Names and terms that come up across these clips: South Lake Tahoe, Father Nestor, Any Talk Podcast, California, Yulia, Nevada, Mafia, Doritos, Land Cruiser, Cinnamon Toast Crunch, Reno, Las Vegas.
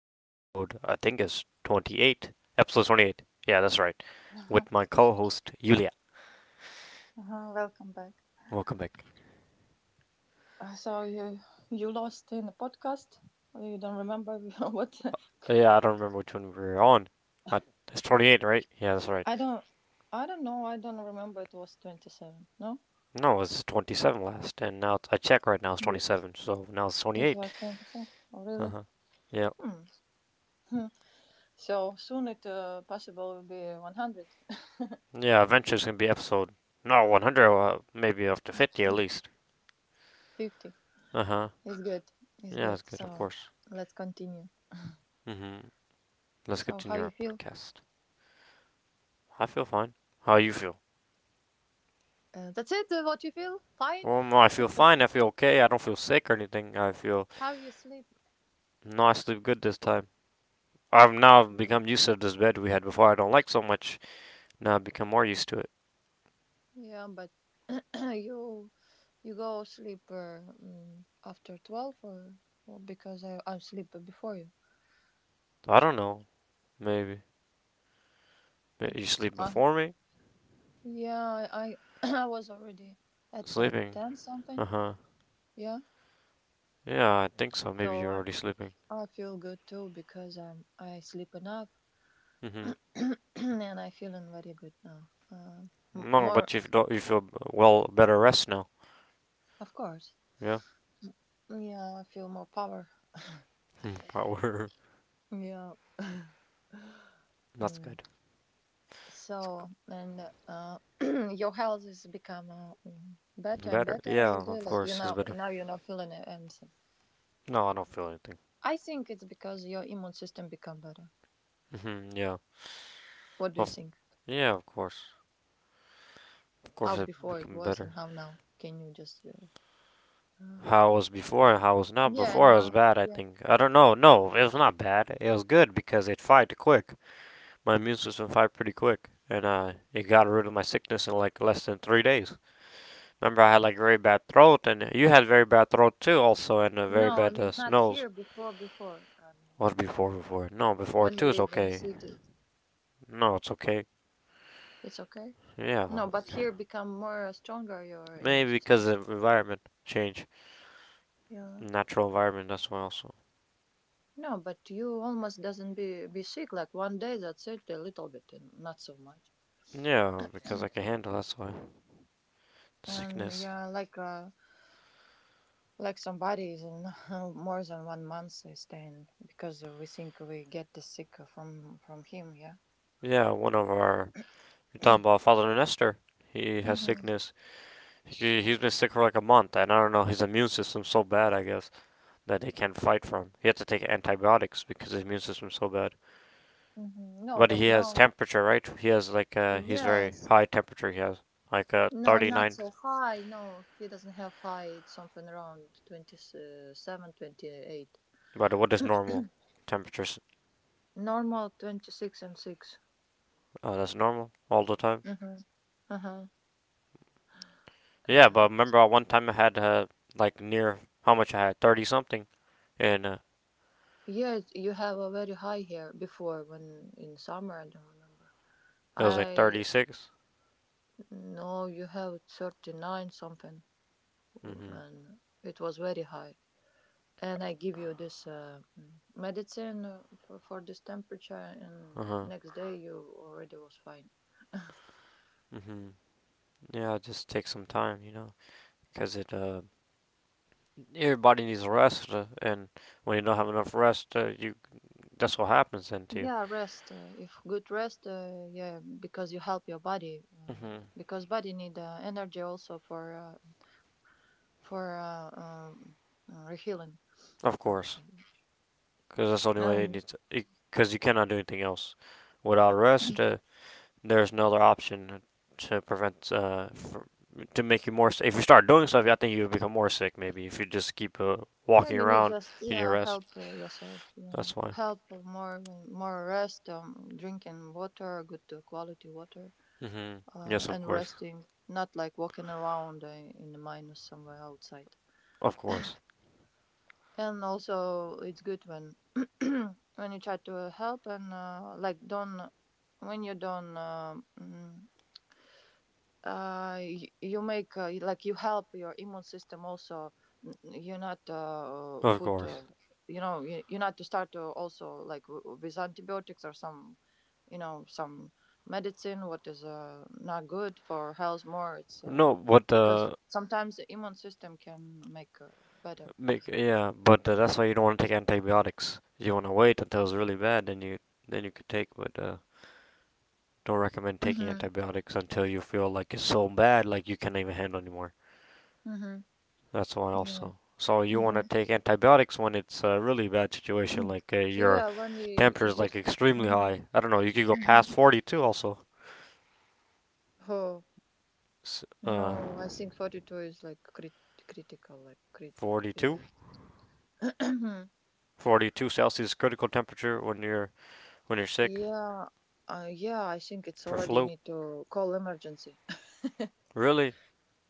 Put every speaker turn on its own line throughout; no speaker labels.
episode, I think it's 28. Episode 28. Yeah, that's right. With my co host, Yulia.
Uh-huh, welcome back.
Welcome back.
So you lost in the podcast. You don't remember what?
Yeah, I don't remember which one we were on. I, it's 28, right? Yeah, that's right.
I don't. I don't know. I don't remember. It was 27. No,
No, it's 27 last, and now I check right now it's
Ye-
27, so now it's
it
28.
was 27. Oh,
Uh
really?
huh. Yeah.
Hmm. Hmm. So soon it possible will be one hundred
Yeah, eventually it's going to be episode, no, 100, maybe up to 50 at least.
fifty.
Uh huh.
It's good. It's
Yeah,
good.
that's good, of
So
course.
let's continue.
Mm hmm. Let's
So how
continue
you
our
feel?
podcast. I feel fine. How you feel?
That's it. What you feel? Fine.
Well, no, I feel fine. I feel okay. I don't feel sick or anything. I feel
How you sleep?
no, I sleep good this time. I've now become used to this bed we had before. I don't like so much. Now I've become more used to it.
Yeah, but you you go sleep after 12 or well, because I sleep before you.
I don't know. Maybe you sleep
Uh,
before me.
yeah, I I was already at
Sleeping.
10
Uh
something.
huh.
Yeah,
Yeah, I think so. Maybe
so
you're
I
already sleeping.
I feel good too because I sleep enough
Mhm.
and I feeling very good now.
No,
More
but you don't. You feel well better rest now.
of course.
Yeah.
Yeah, I feel more power.
Power.
Yeah.
That's
Mm.
good. It's good.
So, and your health is become better and
Better.
better
Yeah,
every day.
of
Like
course, it's better.
now you're not feeling anything.
No, I don't feel anything.
I think it's because your immune system become better.
Mhm. Yeah.
What do you
Well.
think?
Yeah, of course. Of
How
course, it
before it
became
was
better.
and how now? Can you just? Uh,
How it was before and how it was now.
yeah,
Before it was
no,
bad, I
yeah.
think. I don't know. No, it was not bad. It was good because it fight quick. My immune system fight pretty quick, and it got rid of my sickness in like less than 3 days. Remember, I had like very bad throat, and you had very bad throat too, also, and a very
No, I
bad
mean not
nose.
here. Before. I
What
mean
before? Before? No, before
when you
too is
live in
okay.
city,
No, it's okay.
it's okay.
Yeah,
No, but
okay.
here become more stronger your immune
Maybe
system.
because of environment change,
Yeah.
natural environment. That's why also.
No, but you almost doesn't be sick. Like one day, that's it, a little bit, and not so much.
Yeah, because I can handle. That's why.
And
Sickness.
yeah, like somebody is in more than one month is staying because we think we get the sick from him. Yeah.
Yeah, one of our. You're talking about Father Nestor. He has
Mhm.
sickness. He's been sick for like a month, and I don't know, his immune system's so bad, I guess, that he can't fight for him. He had to take antibiotics because his immune system's so bad.
Mhm. No,
But
but
he has
now,
temperature, right? He has like, he's very
yes.
high temperature, he has. Like,
No, not
39.
so high. No, he doesn't have high. It's something around 27, 28.
But what is normal? Temperatures.
Normal 26 and 6.
That's normal all the time.
Mm-hmm. Uh-huh.
Yeah,
Uh,
but remember one time I had, like, near, how much I had? 30 something. And,
Yes, you have a very high here before when in summer, I don't remember.
it was like
I
36.
know you have 39 something,
Mm hmm.
and it was very high. And I give you this medicine for this temperature,
Uh
and
huh.
next day you already was fine.
hmm Yeah, it just takes some time, you know, because it everybody needs rest, and when you don't have enough rest, you that's what happens then to you.
Yeah, rest. If good rest, yeah, because you help your body.
Hmm
Because body need energy also for healing.
Of
How to
course,
say?
because that's the only way it
Um,
needs. Because you cannot do anything else without rest. There's no other option to prevent fr to make you more sick. If you start doing stuff, I think you become more sick. Maybe if you just keep
Yeah,
walking
you need
around
just
in your
yeah
rest.
help yourself. Yeah,
That's why.
help more rest. Drinking water, good quality water,
Hmm Yes, of
and
course,
resting. Not like walking around in the minus somewhere outside.
of course,
And also, it's good when when you try to help and like don't when you don't you make like you help your immune system also you're not
of
put
course.
you know you're not to start to also like with antibiotics or some you know some medicine what is not good for health more it's
No, but
because sometimes the immune system can make better.
make yeah, but that's why you don't want to take antibiotics. You want to wait until it's really bad, then you could take. But don't recommend taking antibiotics until you feel like it's so bad, like you can't even handle anymore.
Mm-hmm.
That's why
Yeah,
also. So you want to
hmm,
take antibiotics when it's a really bad situation, like your
yeah, when you
temperature is like
use.
extremely
Hmm.
high. I don't know. You could go past 42 also.
Oh,
S-
no,
Uh,
I think 42 is like critical like
42
uh,
42 Celsius critical temperature when you're sick
Yeah, yeah, I think it's
for
already you
flu.
need to call emergency.
Really,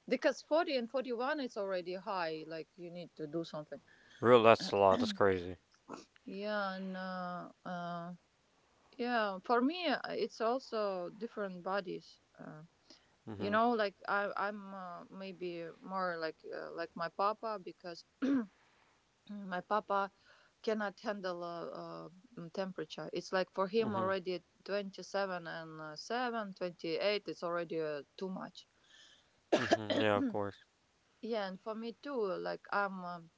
Because 40 and 41 it's already high, like you need to do something.
really, that's a lot. That's crazy.
Yeah, and yeah, for me it's also different bodies.
Mhm.
Like I'm maybe more like my papa because my papa cannot handle temperature. It's like for him
Mhm.
already 27 and 7, 28, it's already too much.
Mm-hmm. Yeah, of course.
Yeah, and for me too. Like I'm,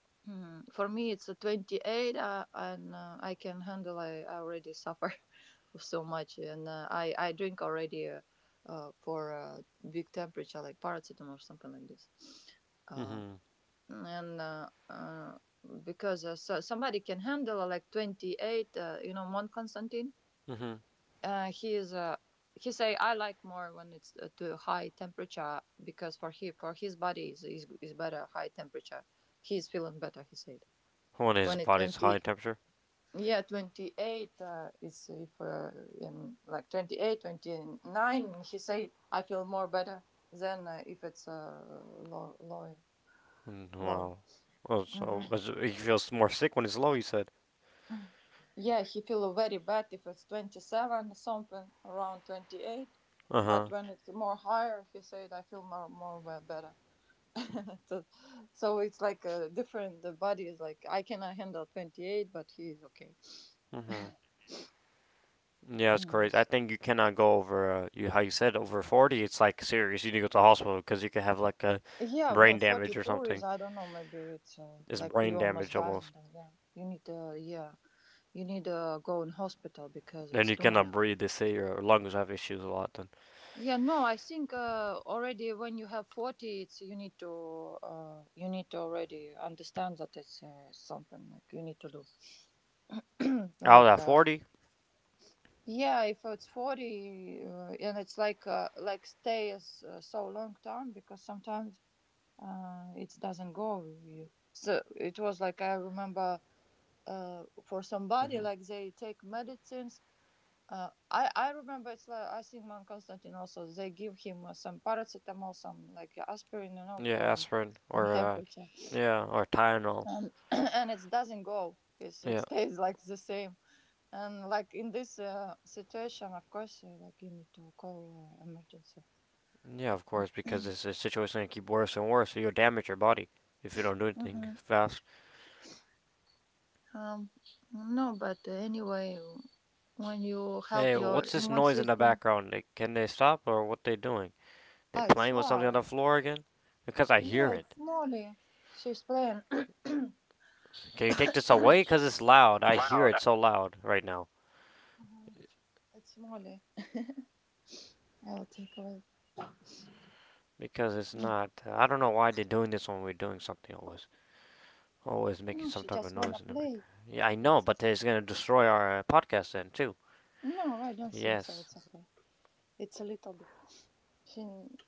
for me it's a 28, and I can handle. I already suffer so much, and I drink already for big temperature, like paracetamol or something like this. Um
Mm-hmm.
and because so somebody can handle like 28, you know, Mon
Mm-hmm.
he is a. He say I like more when it's to high temperature because for he for his body is better high temperature. He's feeling better. He said
When his
when it
body's high temperature.
28 is if in like twenty eight twenty nine. He said I feel more better than if it's low low
Mm,
low.
wow. Oh, so
Mhm.
is it- he feels more sick when it's low. You said.
Yeah, he feel very bad if it's 27 something around 28,
Uh
but
huh.
when it's more higher, he said I feel more better. so, so it's like a different. The body is like I cannot handle 28, but he is okay.
Mm-hmm. Yeah, it's
Hmm.
crazy. I think you cannot go over. You how you said over 40. It's like serious. You need to go to the hospital because you can have like a
Yeah, no,
brain damage or
42
something.
is I don't know. Maybe it's
It's
like
brain
you almost
damage
dying.
almost,
Then, yeah, you need yeah, you need to go in hospital because
and
it's
you
too much.
cannot breathe. They say your lungs have issues a lot. Then
Yeah, no, I think already when you have 40, it's you need to already understand that it's something like you need to do.
I was
Like
at 40.
yeah, if it's 40 and it's like stay as, so long time because sometimes it doesn't go. You, so it was like I remember for somebody
Mm-hmm.
like they take medicines. I remember it's like I think man Constantine also they give him some paracetamol, some like aspirin, you know,
Yeah,
from
aspirin
from
or
temperature,
yeah, or Tylenol.
and and it doesn't go. It
Yeah.
stays like the same. And like in this situation, of course, like you need to call emergency.
Yeah, of course, because it's a situation going to keep worse and worse, so you'll damage your body if you don't do anything
hmm
fast.
Um, no, but anyway, when you help
Hey,
your
what's this
immune
noise in the
system,
background? They- can they stop, or what they doing? They
it's
playing with something on the
far.
floor again? Because I hear
Yeah,
it.
it's Molly. She's playing.
Can you take this away? Because it's loud. I hear
Loud.
it so loud right now.
Mhm. It's Molly. I will take away.
Because it's
No,
not. I don't know why they're doing this when we're doing something always. Always making
no,
some
she
type of
just wanna
noise in the background.
play.
Yeah, I know,
That's it.
but it's going to destroy our podcast then, too.
No, I don't think so.
Yes.
It's okay. It's a little bit. She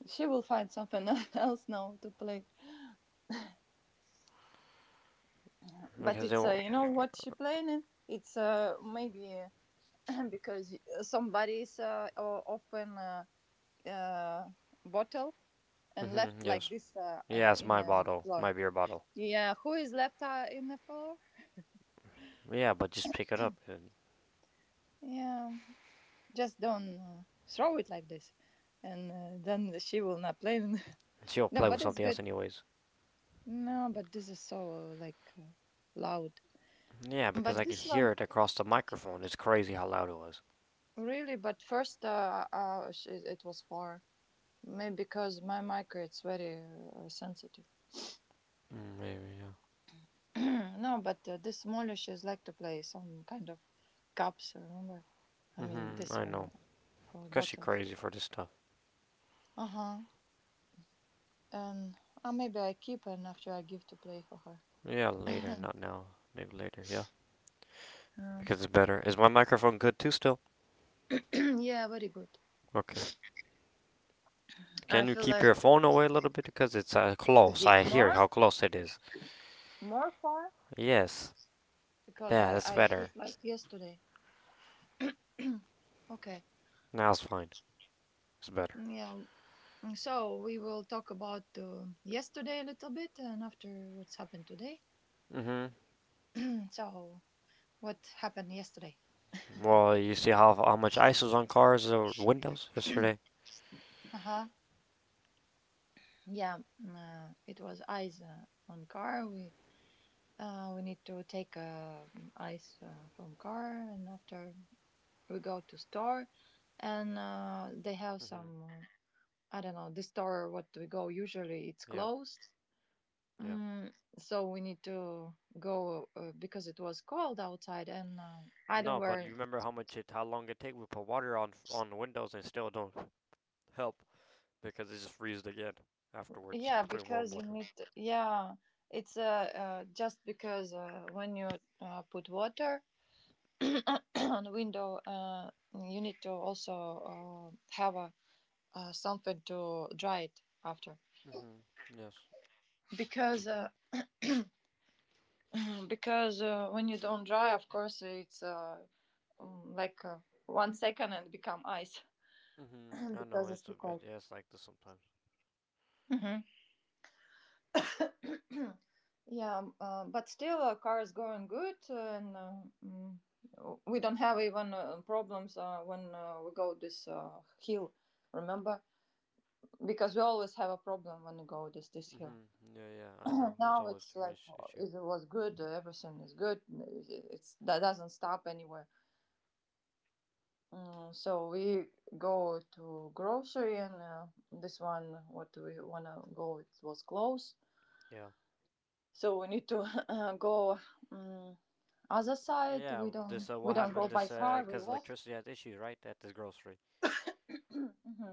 she will find something else now to play. But
Because they
it's
won't.
you know what she playing in? It's maybe because somebody's open uh, bottle and
Hmm
left like
yes.
this
Yeah, it's
in
my
the
bottle.
floor.
My beer bottle.
Yeah, who is left in the floor?
Yeah, but just pick it up and
Yeah, just don't throw it like this and then she will not play.
she'll
No,
play with
but it's
something else,
good.
anyways.
No, but this is so like loud.
Yeah, because
But
I could
this one
hear it across the microphone. It's crazy how loud it was.
really. But first, it was far. Maybe because my mic it's very sensitive.
Mm, maybe, yeah.
No, but this Molish is like to play some kind of cups. Remember, I mean
Mm-hmm,
this
I
one
know.
for
Because she's
bottles.
crazy for this stuff.
Uh huh. And maybe I keep and after I give to play for her.
Yeah, later, not now. Maybe later, yeah.
Um,
Because it's better. Is my microphone good too still?
yeah, very good.
Okay.
I
Can you
feel
keep
like
your phone away a little bit? Because it's close.
Ge-
I
more,
hear how close it is.
more far.
Yes.
Because
Yeah,
I,
that's
I
better.
put like yesterday. Okay.
Now it's fine. It's better.
Yeah. So we will talk about yesterday a little bit and after what's happened today.
Mm-hmm.
So what happened yesterday?
Well, you see how much ice was on cars or windows yesterday?
Uh huh. Yeah. It was ice on car. We need to take ice from car and after we go to store and they have
Mm-hmm.
some I don't know the store what we go usually it's
Yeah.
closed.
Yeah.
Mm, so we need to go because it was cold outside, and I don't
No, but you
wear.
remember how much it, how long it take? We put water on the windows and still don't help because it just freezes again afterwards.
Yeah,
Putting warm
because you
water.
need. To, yeah, it's just because when you put water on the window, you need to also have a something to dry it after.
Mhm. Yes.
Because because when you don't dry, of course, it's like one second and become ice
Mhm. I know
because it's
it's a
too cold.
it, yeah, it's like this sometimes.
Mhm. Yeah, but still, car is going good, and mm, we don't have even problems when we go this hill. Remember, because we always have a problem when we go this hill.
Mhm. Yeah, yeah. I know it's
Now
always a
it's
different
like
is- issue.
it was good. Everything is good. It's that doesn't stop anywhere. So we go to grocery, and this one what we wanna go it was close.
Yeah.
So we need to go. mm Other side,
Yeah.
we don't
This
we
what
don't go
happened?
by
This
car. We
cause
walk.
electricity has issues, right? At this grocery,
hmm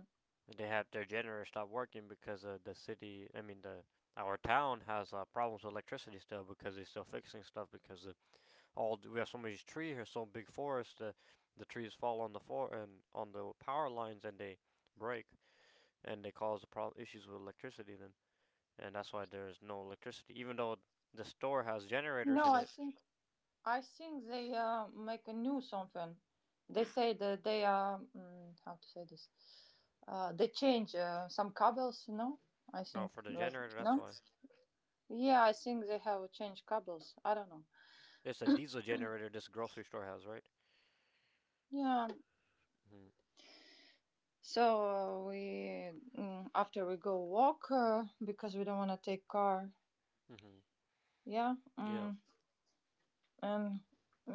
they had their generator stop working because the city. I mean the. Our town has problems with electricity still because they're still fixing stuff because the all we have so many trees here, so big forest. The trees fall on the for and on the power lines and they break and they cause the problem issues with electricity then and that's why there's no electricity even though the store has
No,
generators in
I
it
think I think they make a new something. They say that they are how to say this. They change some cables. No, I
no
think
for the
like
generator that's
no.
why
Yeah, I think they have changed cables. I don't know.
it's a diesel generator this grocery store has right.
Yeah.
Mm-hmm.
So we after we go walk because we don't want to take car.
Mm-hmm.
Yeah.
Yeah.
And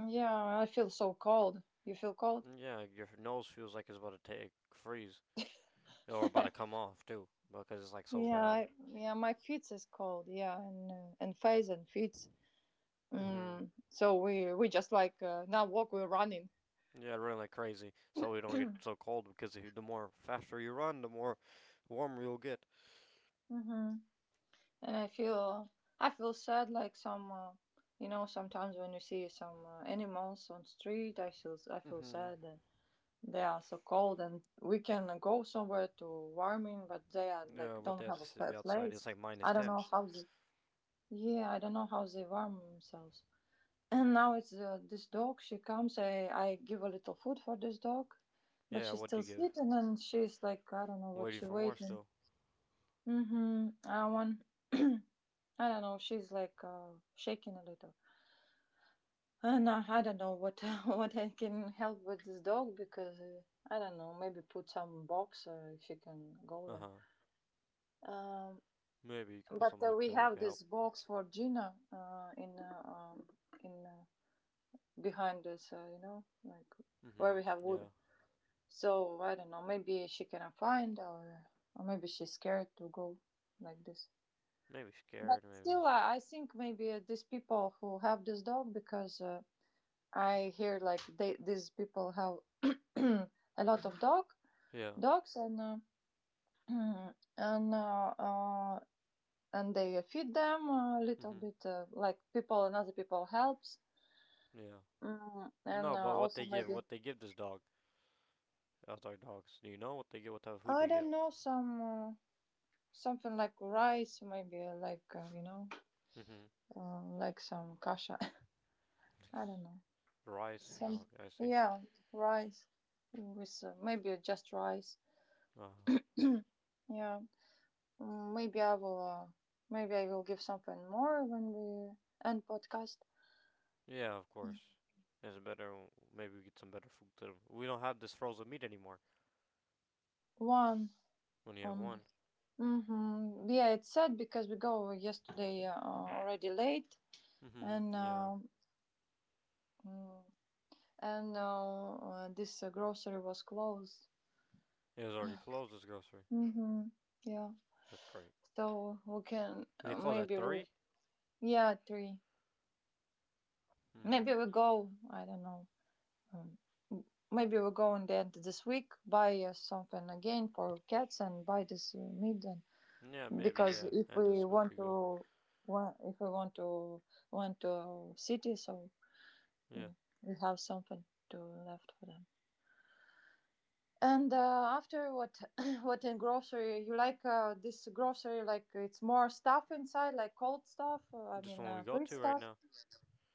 yeah, I feel so cold. You feel cold?
Mm, yeah your nose feels like it's about to take freeze or about to come off too because it's like so
Yeah,
bad.
yeah, my feet is cold. Yeah, and face and feet.
Mm-hmm.
So we just like now walk we're running.
Yeah, I run like crazy so we don't get so cold because you- the more faster you run, the more warmer you'll get.
hmm And I feel sad like some sometimes when you see some animals on street I feel
Hmm
sad that they are so cold and we can go somewhere to warming but they are
Yeah,
like
but they
don't
have
have
to
a
sit- be outside.
place.
It's like minus
I don't
10.
know how they yeah I don't know how they warm themselves. And now it's this dog. She comes. I give a little food for this dog, but
Yeah,
she's
what do
still
you give?
sleeping, and she's like I don't know what
Waiting
she
for more
waiting.
still.
Mm-hmm. I want. I don't know. She's like shaking a little. And I don't know what what I can help with this dog because I don't know. Maybe put some box. If she can go
Uh
there.
huh.
Um,
Maybe you could put
but
something
uh,
like
we
that. It
have
could help.
this box for Gina in behind this. You know, like where
Hmm
we have wood.
Yeah.
So I don't know. Maybe she cannot find, or maybe she's scared to go like this.
Maybe
But
scared, maybe.
still, I think maybe these people who have this dog because I hear like they these people have a lot of dog
Yeah.
dogs and and and they feed them a little
hmm
bit like people and other people helps
Yeah.
and
No,
uh,
but
also maybe
what they give this dog, outside dogs. Do you know what they give, what type of food
I
they
don't
give?
know some something like rice maybe like you know
Hmm
like some kasha. I don't know.
Rice?
Some
No, I see.
yeah, rice with maybe just rice.
Uh huh.
Yeah, maybe I will. Maybe I will give something more when we end podcast.
Yeah, of course. It's better. Maybe we get some better food too. We don't have this frozen meat anymore.
One
When you have
only.
one.
Mm-hmm. Yeah, it's sad because we go yesterday already late
Hmm
and.
Yeah.
Mm, and this grocery was closed.
It was already closed. This grocery.
Mm-hmm. Yeah.
That's great.
So we can
They close at
maybe we
three.
yeah three.
Hmm.
Maybe we go, I don't know, um, maybe we go in the end of this week, buy something again for cats and buy this meat. And
Yeah, maybe.
because
Yeah.
if
And
we
this week
want
ago.
to, wa- if we want to city, so
Yeah.
mm, we have something to left for them. And after what, what in grocery, you like this grocery, like it's more stuff inside, like cold stuff, I
This
mean,
one we go
free
to right
stuff?
now.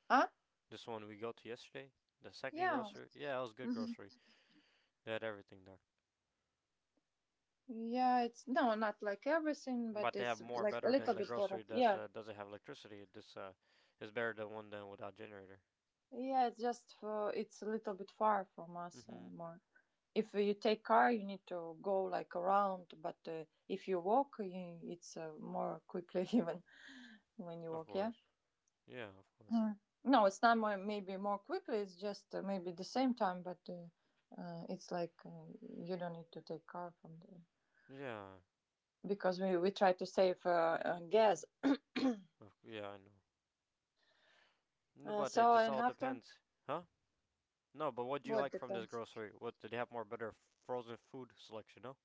Huh?
This one we go to yesterday. The second
Yeah.
grocery. Yeah, it was good grocery. They had everything there.
Yeah, it's no, not like everything, but
But they
it's
have more
like a
better
little
than the
bit better.
grocery that
Yeah,
doesn't have electricity. This is better than one than without generator.
yeah, it's just for it's a little bit far from us
Hmm
more. If you take car, you need to go like around, but if you walk, you, it's more quickly even when you
Of
walk. Yeah.
course. Yeah, of course.
Mm. No, it's not more, maybe more quickly. It's just maybe the same time, but it's like you don't need to take car from the
Yeah.
because we try to save gas.
Yeah, I know. No, but it
So
just
and
all
after
depends, huh? No, but what do you
what
like from this
depends.
grocery? What did they have more better frozen food selection? No.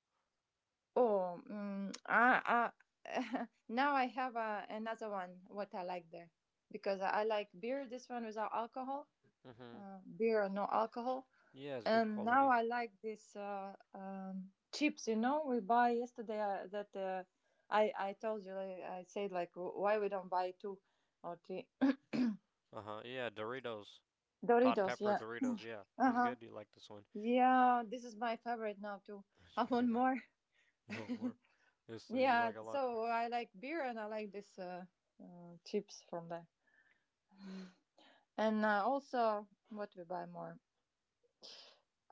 Oh, now I have another one. What I like there because I like beer. This one without alcohol,
Mhm.
beer no alcohol,
Yeah, it's good
and now
quality.
I like this chips. You know, we buy yesterday that I told you like, I said like wh- why we don't buy two or three
Uh huh. Yeah, Doritos, hot
Doritos.
pepper
Yeah.
Doritos. Yeah,
Uh
it's
huh.
good. You like this one?
Yeah, this is my favorite now too.
What's
I
your
want
favorite?
more.
Oh, more. This you
Yeah,
like a lot.
so I like beer and I like this chips from there. And also, what we buy more?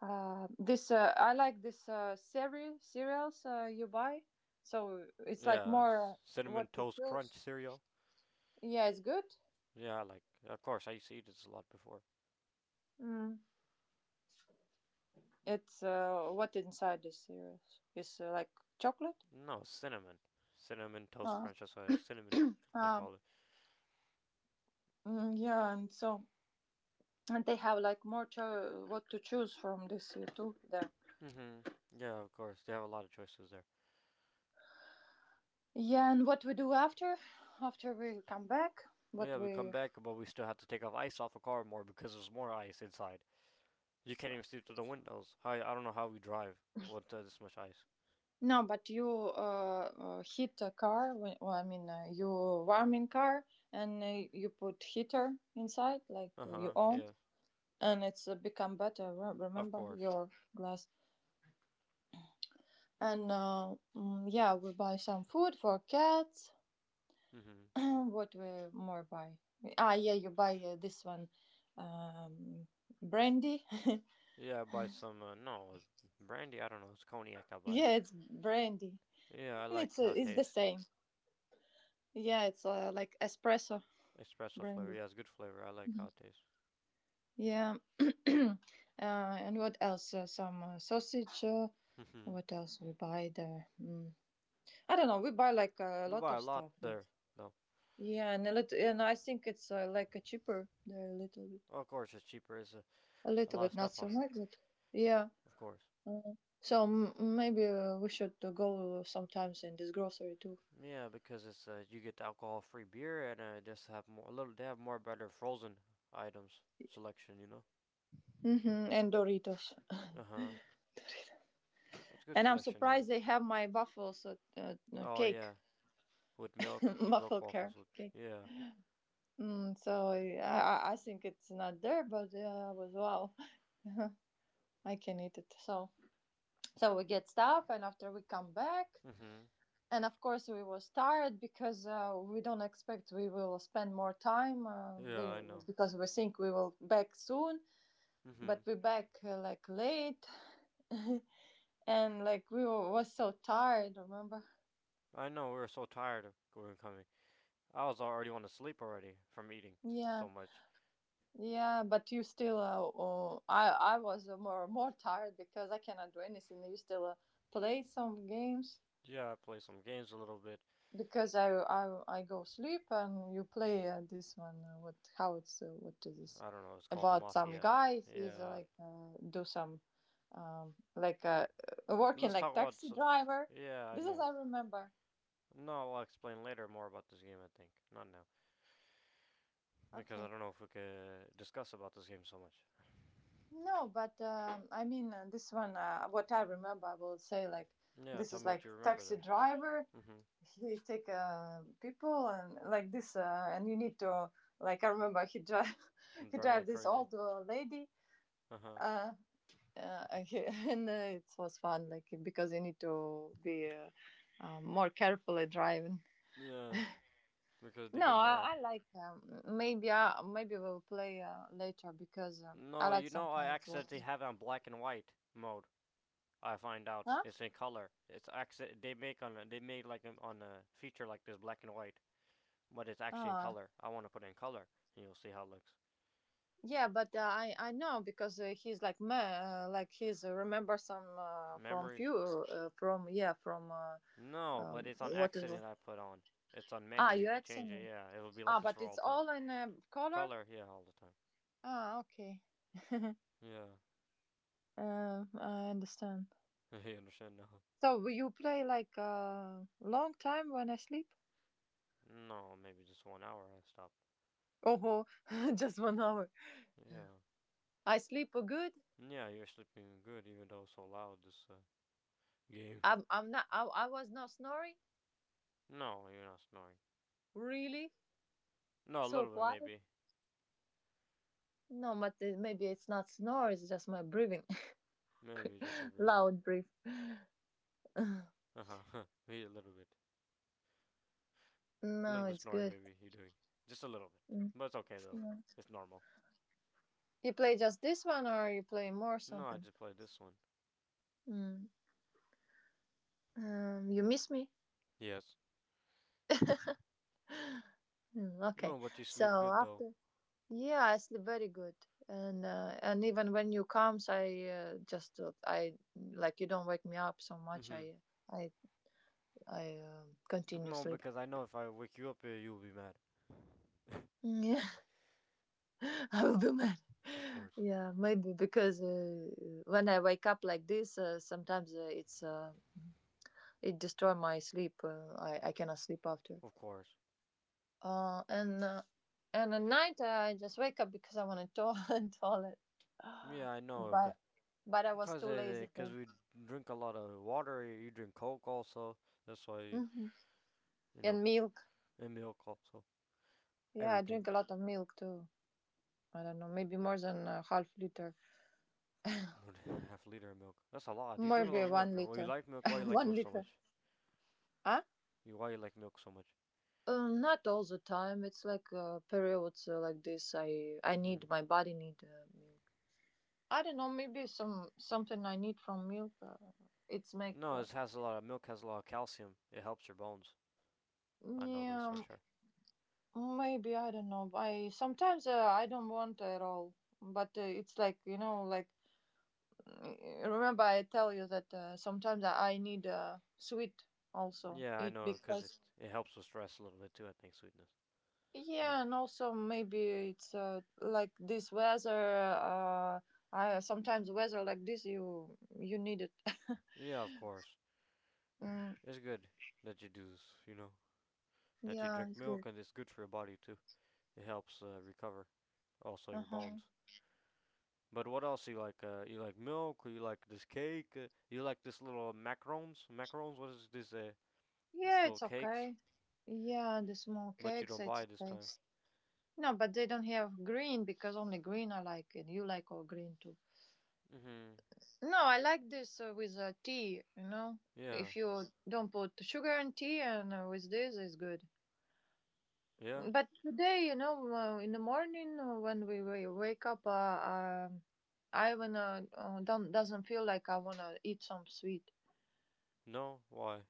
This I like this seri cereals you buy. So it's like
Yeah, s-
more
cinnamon
what to
toast crunch
choose.
cereal.
Yeah, it's good.
Yeah, I like. Of course, I used to eat this a lot before.
Mm. It's what inside the cereals is like chocolate.
No, cinnamon, cinnamon toast
Uh,
crunch. That's what it is. Cinnamon. They
uh,
call it.
yeah, and so and they have like more cho- what to choose from this too there.
Mhm. Yeah, of course. They have a lot of choices there.
Yeah, and what we do after? After we come back,
Well, yeah,
what
we come
we
back, but we still have to take off ice off the car more because there's more ice inside. You can't even see through the windows. I don't know how we drive with this much ice.
no, but you heat a car. When- Well, I mean, you warming car and you put heater inside, like
Uh
you
huh.
own,
Yeah,
and it's become better. Re-
of
Remember
course.
your glass. And yeah, we buy some food for cats.
Mm-hmm.
what we more buy? Ah, yeah, you buy this one, um, brandy.
Yeah, I buy some. No, it's brandy. I don't know. It's cognac I buy.
yeah, it's brandy.
Yeah, I like how it
It's the
tastes.
same. Yeah, it's like espresso
Espresso flavor.
brandy.
Yeah, it's good flavor. I like how it tastes.
Yeah. And what else? Some sausage.
Mm-hmm.
What else we buy there? Mm. I don't know. We buy like a
We
lot
buy a
of
lot
stuff. There.
there, though.
Yeah, and a little, and I think it's like a cheaper there
Of course, it's cheaper. It's a,
a
a
little
lot of
bit, not
stuff
so
on.
much, but yeah.
Of course.
Uh, so m- maybe we should go sometimes in this grocery too.
Yeah, because it's you get the alcohol-free beer and just have more a little. They have more better frozen items selection. You know.
Mm-hmm. And Doritos.
Uh huh. It's good
And I'm
selection to have.
surprised they have my waffles at,
Oh
cake,
yeah, with milk,
waffle
milk
care
waffles with.
cake.
Yeah.
Mm, so I think it's not there, but yeah, I was wow, I can eat it. So so we get stuff, and after we come back,
Mhm.
and of course we was tired because we don't expect we will spend more time.
Yeah,
We
I know.
because we think we will back soon,
Mhm.
but we back like late, and like we were, was so tired. Remember?
I know. We were so tired of going coming. I was already want to sleep already from eating
Yeah.
so much.
Yeah, but you still. I was more more tired because I cannot do anything. You still play some games
Yeah, I play some games a little bit.
because I go sleep and you play this one. What how it's what is this
I don't know. It's called the
about? Some
Mafia.
guy he's
Yeah.
like do some like working
Let's
like
talk about.
taxi
S
driver.
yeah, I
This is
know.
I remember.
No, I'll explain later more about this game. I think not now. Because I
Okay.
don't know if we could discuss about this game so much.
No, but I mean this one. What I remember, I will say like
Yeah,
this
tell
is
me what
like
you remember
taxi
then.
driver
Mm-hmm.
he take people and like this and you need to like I remember he drive
I'm
he
driving
drive
like
this
crazy.
old lady
Uh-huh.
uh, and it was fun like because you need to be more carefully driving
Yeah, because they
no
get
I,
mad.
I like maybe I, maybe we'll play later because I
No,
like
you know I
sometimes watching
accidentally have it on black and white mode. I find out
huh
it's in color. It's accident they made like on a feature like this black and white, but it's actually in
ah
color. I want to put it in color, and you'll see how it looks.
yeah but i know because he's like me like he's remember some from
Memories?
few from yeah from
No, but it's on
What is
accident I put on. It's on
ah
menu. You could
UX
change it.
and
Yeah, it'll be like
ah,
this
but
for
it's
all time.
all in color.
Color? Yeah, all the time.
Ah okay.
Yeah.
I understand.
I understand now.
So will you play like a long time when I sleep?
No, maybe just 1 hour I stopped.
Oh, just 1 hour.
Yeah.
I sleep good.
Yeah, you're sleeping good even though it's so loud this game.
I'm not. I was not snoring.
No, you're not snoring.
Really,
No, a
so
little bit
quiet.
maybe.
No, but it- maybe it's not snore. It's just my breathing,
Maybe just your breathing.
loud breath.
Uh huh. Maybe a little bit. A
no,
little bit
it's
snoring
good.
maybe you're doing. Just a little bit.
Mm,
But it's okay though.
yeah.
It's normal.
You play just this one, or you play more
No, I
something?
just played this one.
Mm. You miss me?
Yes.
Mm, okay.
No, but you
So
sleep good though.
after, yeah, I sleep very good, and and even when you comes, I just I like you don't wake me up so
Mm
much.
hmm.
I I I continue
No,
sleep.
because I know if I wake you up here, you'll be mad. Of
Yeah, I will be mad.
course.
Yeah, maybe because when I wake up like this, sometimes it's it destroy my sleep. I cannot sleep after.
Of course.
And and at night I just wake up because I want to toilet.
Yeah, I know, cause.
But but I was
Cause,
too
uh,
lazy
cause
to.
we drink a lot of water. You drink Coke also. That's why
Hmm
you know,
And milk.
and milk also.
Yeah, I
Everything.
drink a lot of milk too. I don't know, maybe more than a half liter,
Half a liter of milk. That's a lot. You drink a
maybe
lot of
one
milk. Well, you
liter,
like milk. Why you like
one
milk so
liter.
much?
Huh?
You Why you like milk so much?
Not all the time. It's like periods like this. I need
Hmm.
my body need milk. I don't know. Maybe some something I need from milk. It's make
No, it has a lot of milk. Has a lot of calcium. It helps your bones. I know this
yeah.
for sure.
Maybe I don't know. I sometimes I don't want at all, but it's like you know, like remember I tell you that sometimes I need sweet also
Yeah, I
eat
know, cause it
because
it helps with stress a little bit too. I think sweetness. No.
yeah, and also maybe it's like this weather. I sometimes weather like this you you need it.
Yeah, of course.
Mm,
It's good that you do this. You know that you
yeah,
drink
it's good.
milk, and it's good for your body too. It helps recover. Also
Uh
your
huh.
bones. But what else you like? You like milk? Or you like this cake? You like this little macarons? Macarons? What is this? These
Yeah,
little
it's
cakes?
okay. Yeah, the small
But you
cakes,
don't buy
it's
it this
okay.
time.
No, but they don't have green because only green I like, and you like all green too.
Mm-hmm.
No, I like this with tea. You know,
Yeah.
if you don't put sugar in tea, and with this is good.
Yeah.
But today, you know, in the morning when we wa- wake up, I wanna don't doesn't feel like I wanna eat some sweet.
No. Why?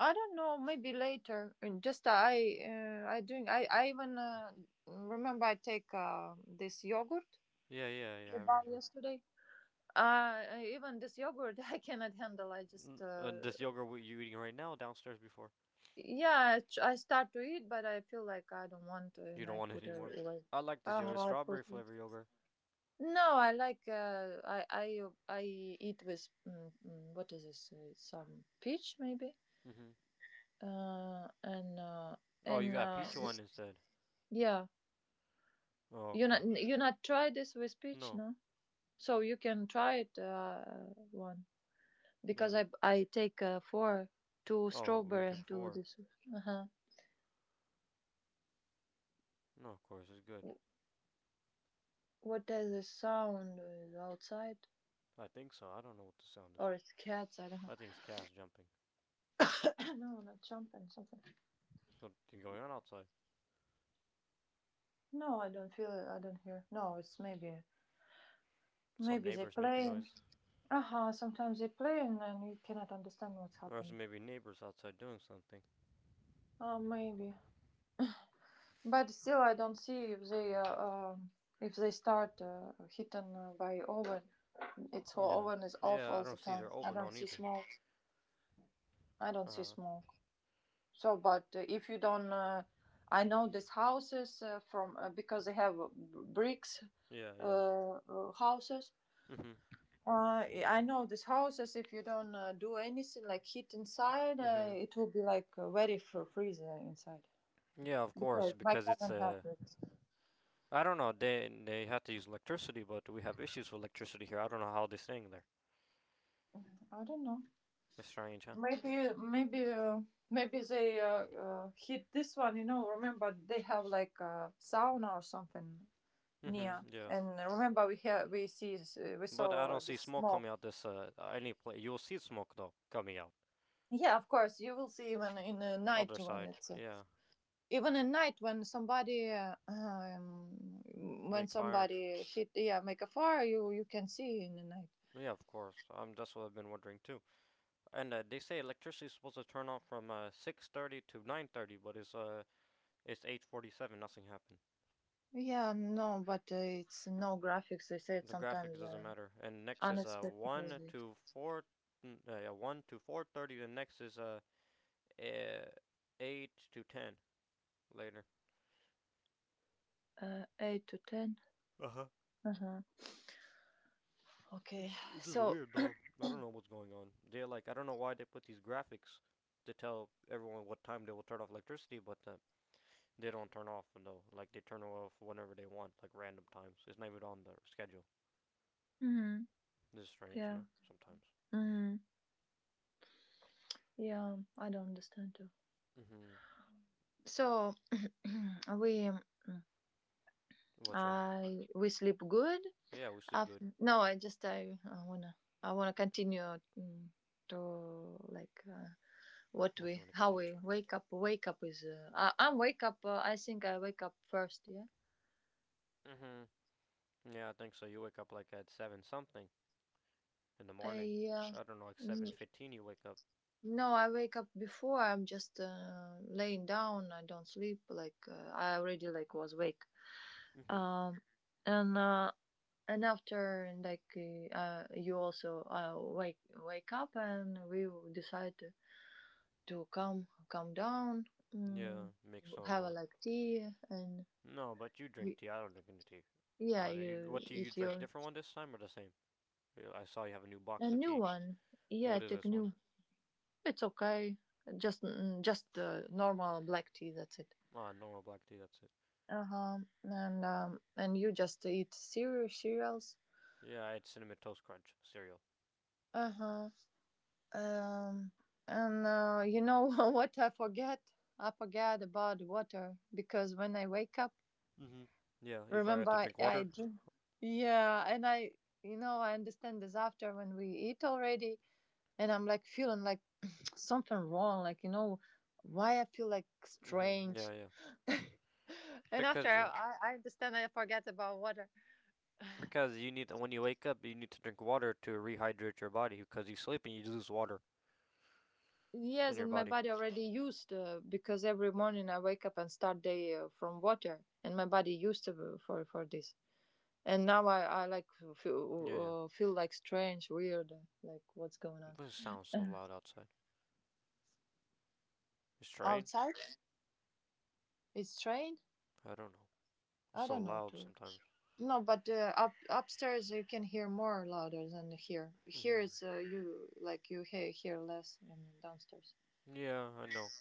I don't know, maybe later. And just I drink. I even remember I take this yogurt
Yeah. Yeah. Yeah.
we
I
bought
remember.
yesterday. Uh, even this yogurt I cannot handle. I just,
N- uh, this yogurt what you eating right now downstairs before.
yeah, I, ch- I start to eat, but I feel like I don't want to,
You
and
don't
I
want it
put
anymore.
it away.
I like this yogurt,
Oh, I
strawberry
put it.
flavor yogurt.
No, I like. I I eat with what is this? Some peach maybe.
Mm-hmm.
Uh, and uh,
Oh, you
and
got a peach one instead.
yeah,
Oh, okay.
you not try this with peach,
No,
no? So you can try it. One. Because
maybe.
I take four, two
Oh, we
strawberry
took
and two
four.
this. Uh huh.
No, of course it's good.
What is the sound outside?
I think so. I don't know what the sound
Or
is.
it's cats? I don't
I think it's cats jumping.
know. No, not jumping something.
Something going on outside.
No, I don't feel it. I don't hear. No, it's maybe,
Some
they
neighbors making
playing.
noise.
Uh huh. Sometimes they playing and then you cannot understand what's
Or it's
happening.
maybe neighbors outside doing something.
Oh, maybe. But still, I don't see if they start hitting by oven. It's whole
Yeah.
oven is off
Yeah, I
all the
don't see
time.
their
I
oven
don't
on
see
either.
smoke. I don't
Uh
see
huh.
smoke. So, but if you don't, I know these houses from because they have bricks
Yeah, yeah.
houses.
Mhm.
I know these houses. If you don't do anything like heat inside,
Mhm.
it will be like very freezer inside.
Yeah, of course,
Because my
because it's
cousin have
a.
bricks.
I don't know. They had to use electricity, but we have issues with electricity here. I don't know how they're staying there.
I don't know.
It's strange, huh?
Maybe maybe uh, maybe they heat this one. You know, remember they have like a sauna or something.
Mhm.
Yeah,
Yeah.
and remember we have we see we
But I
saw
don't
the
see smoke
smoke.
coming out this any place. You'll see smoke though coming out
Yeah, of course you will see even in the night
other
when
side.
it's
Yeah.
even at night when somebody uh, um, when
Make fire.
somebody hit, yeah, make a fire, you can see in the night.
Yeah, of course. That's what I've been wondering too. And they say electricity is supposed to turn off from 6:30 to 9:30, but it's 8:47. Nothing happened.
Yeah, no, but it's no graphics. They say it
The graphics
sometimes
doesn't matter. And next is
unexpected
1
movie.
to 4, yeah, 1 to 4:30. The next is eh, 8 to 10 later.
8 to 10.
Uh huh.
Uh huh. Okay,
It's just
so.
weird though. I don't know what's going on. They're like I don't know why they put these graphics to tell everyone what time they will turn off electricity, but they don't turn off though. Like they turn off whenever they want, like random times. It's not even on the schedule.
Mm,
This is strange,
yeah.
sometimes.
Mm, yeah, I don't understand too.
Hmm.
So, we
What's wrong?
we sleep good.
Yeah, we sleep
Uh,
good.
no, I just I wanna continue, to, like, what
What do you
we
want to
how
continue?
we wake up. Wake up is, I'm wake up. I think I wake up first. Yeah.
Hmm. Yeah, I think so. You wake up like at 7 something in the morning.
I, uh,
I don't know, like
mm,
7:15 you wake up.
No, I wake up before. I'm just laying down. I don't sleep. Like, I already like was awake.
Hmm.
Um, and uh, and after, like, you also wake up, and we will decide to come down,
Yeah,
mm,
make some,
have a,
uh...
like, tea and
No, but you
you,
drink tea. I don't drink any tea.
yeah,
I you,
you
what tea you
eat
drink?
your
Different one this time or the same? Yeah, I saw you have a new
a
box of
new
tea.
one. Yeah,
What is
take
this one?
new. It's okay. Just normal black tea. That's it.
Ah, normal black tea, that's it.
Uh huh. And you just eat cereals.
Yeah, I had Cinnamon Toast Crunch cereal.
Uh huh. Um, and you know what I forget? I forget about water because when I wake up,
Hmm. Yeah, you forgot
remember,
to
I,
drink
I
water?
drink. Yeah, and I understand this after when we eat already, and I'm like feeling like something wrong. Like, why I feel like
Hmm. Yeah,
strange.
yeah.
And after
Because
I,
uh,
I I understand I forget about water.
Because you need to, when you wake up, you need to drink water to rehydrate your body. Because you sleep and you lose water in
Yes,
your
and my
body.
body already used, because every morning I wake up and start day from water, and my body used to, for this. And now I like, feel,
Yeah, yeah.
uh, uh, feel like strange, weird, like what's going on
This sounds so
Uh,
loud outside. It's rain.
outside. It's strange.
I don't know. It's
I
so
don't know
loud
too.
sometimes.
No, but up upstairs you can hear more louder than here. Here
Hmm.
it's, you like you hear less than downstairs.
Yeah, I know.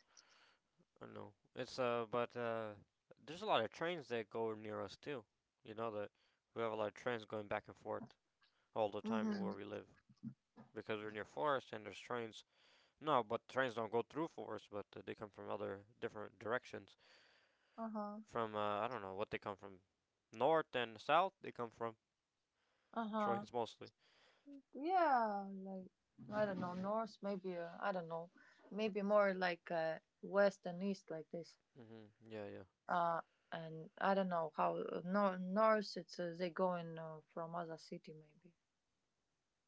I know. It's but there's a lot of trains that go near us too. You know that we have a lot of trains going back and forth all the time where
Mhm.
we live because we're near forest and there's trains. No, but trains don't go through forest, but they come from other different directions.
Uh huh.
From I don't know what they come from, north and south. They come from
Uh huh.
trains mostly.
Yeah, like, I don't know, north maybe, I don't know, maybe more like, west and east, like this.
Hmm. Yeah, yeah,
Uh, and I don't know, how no, north it's, they going from other city maybe.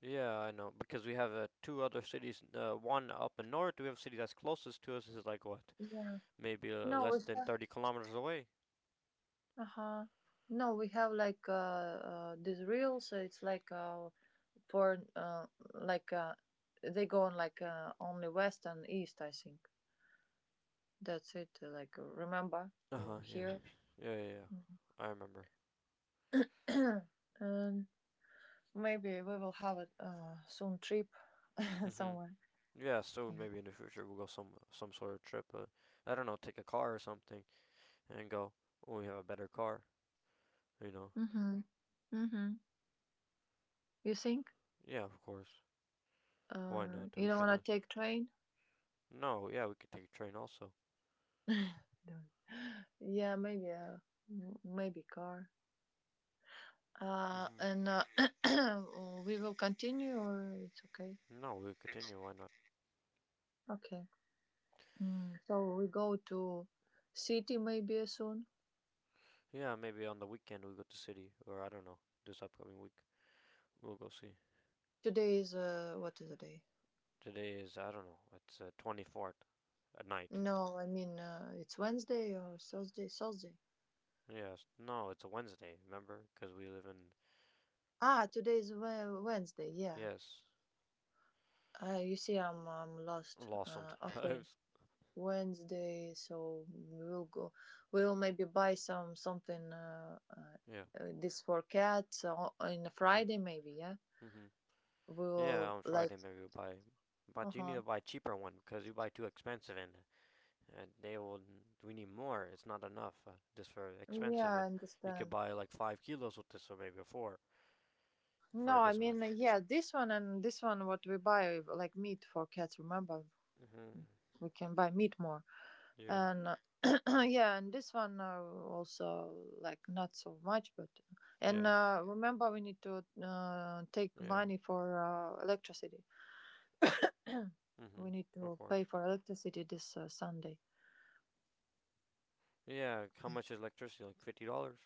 yeah. I know because we have two other cities. One up in north. We have a city that's closest to us is like what,
Yeah.
maybe
No, we
less than
have.
30 kilometers away.
Uh huh. No, we have, like, this reel, so it's like, for like they go on like only west and east, I think. That's it. Like, remember
Uh huh. Yeah.
here.
Yeah, yeah, yeah. I remember.
um. Maybe we will have a, soon trip
Hmm.
somewhere.
Yeah, soon maybe in the future we'll go some sort of trip. I don't know, take a car or something and go when we have a better car. You know.
Mm-hmm. Mm-hmm. You think?
Yeah, of course. Why not?
You
We
don't
can. Uh,
want to take train?
no, yeah, we could take a train also.
No. Yeah, maybe car.
Hmm.
And we will continue, or it's okay.
No, we'll continue. Why not?
Okay. So we go to city maybe soon.
Yeah, maybe on the weekend we'll go to city, or I don't know, this upcoming week. We'll go see.
Today is, what is the day?
Today is, I don't know, it's 24th at night.
No, I mean, it's Wednesday or Thursday. Thursday.
Yes, no, it's a Wednesday, remember? Because we live in,
Ah, today is Wednesday. Yeah,
yes,
You see, I'm lost.
lost
Okay,
sometimes.
Wednesday, so we'll go. We'll maybe buy something.
Yeah.
This for cats, on a Friday,
Mm-hmm.
maybe. Yeah,
Mm-hmm. Yeah,
we'll
on
like.
Friday maybe we'll buy.
Uh
But you need
huh.
to buy cheaper one because you buy too expensive and they will. We need more. It's not enough. This for
Yeah,
expensive. Uh,
I
you could
understand.
buy like 5 kilos with this or maybe four
No,
for
I
this
mean,
much.
yeah, this one and this one, what we buy, like meat for cats. Remember,
Mhm.
we can buy meat more.
Yeah.
And yeah, and this one, also, like, not so much, but and
Yeah.
remember, we need to take
Yeah. Yeah.
money for electricity. We
Mhm.
need
Of
to
course.
pay for electricity this Sunday.
Yeah. How much is electricity? Like $50,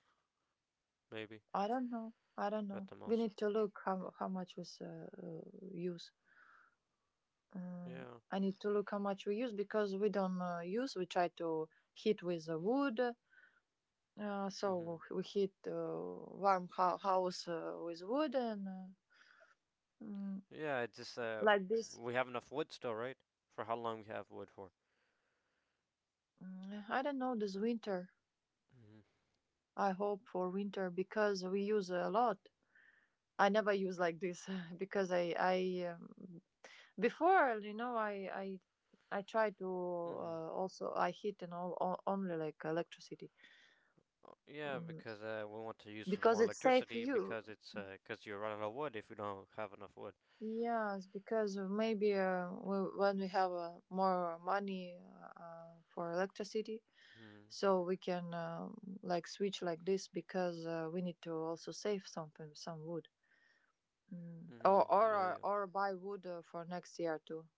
maybe
i don't know i don't
at
know
the
we
most.
need to look, how much we use. um,
Yeah.
I need to look how much we use, because we don't, use, we try to heat with wood,
Mhm.
so we heat warm house with wood and, mm,
Yeah. It just
like this.
we have enough wood still, right? For how long we have wood for?
I don't know this winter.
Mhm.
I hope for winter, because we use a lot. I never use like this because I before, you know, I try to,
Mhm.
also I heat and all only like electricity,
Yeah,
mm,
because we want to use
because
more
it's safe for
electricity
you.
because it's cause you're running out of wood if you don't have enough wood.
Yes, because maybe when we have more money for electricity,
Mhm.
so we can, like, switch like this, because we need to also save something, some wood, mm. or
Mhm.
or
Yeah.
uh,
Yeah.
or buy wood for next year too.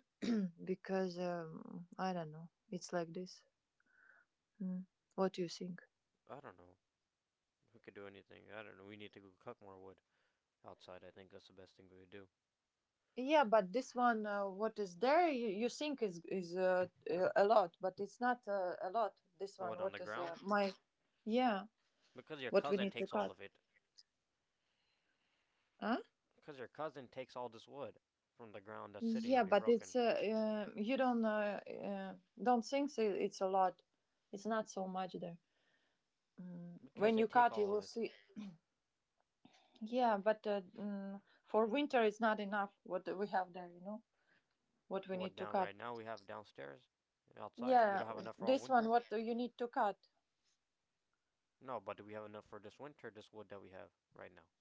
Because, I don't know, it's like this. mm. What do you think?
I don't know. We could do anything. I don't know. We need to go cut more wood outside. I think that's the best thing we could do.
Yeah, but this one, what is there, you think is a lot, but it's not a lot, this one
What on the
what is
ground?
my. Yeah,
Because your
what we
cousin
need to
takes all
cut,
of it.
huh?
Because your cousin takes all this wood from the ground that's sitting
Yeah,
already
but it's,
broken.
you don't think so it's a lot. It's not so much there. Mm.
Because
When
they
you
take
cut, you
all of
will
it.
see. Yeah, but, for winter, it's not enough, what we have there, you know, what we
What
need to
down
cut.
right now we have downstairs, outside. We
Yeah,
don't have enough for all
this one,
winter.
what do you need to cut?
No, but do we have enough for this winter? This wood that we have right now.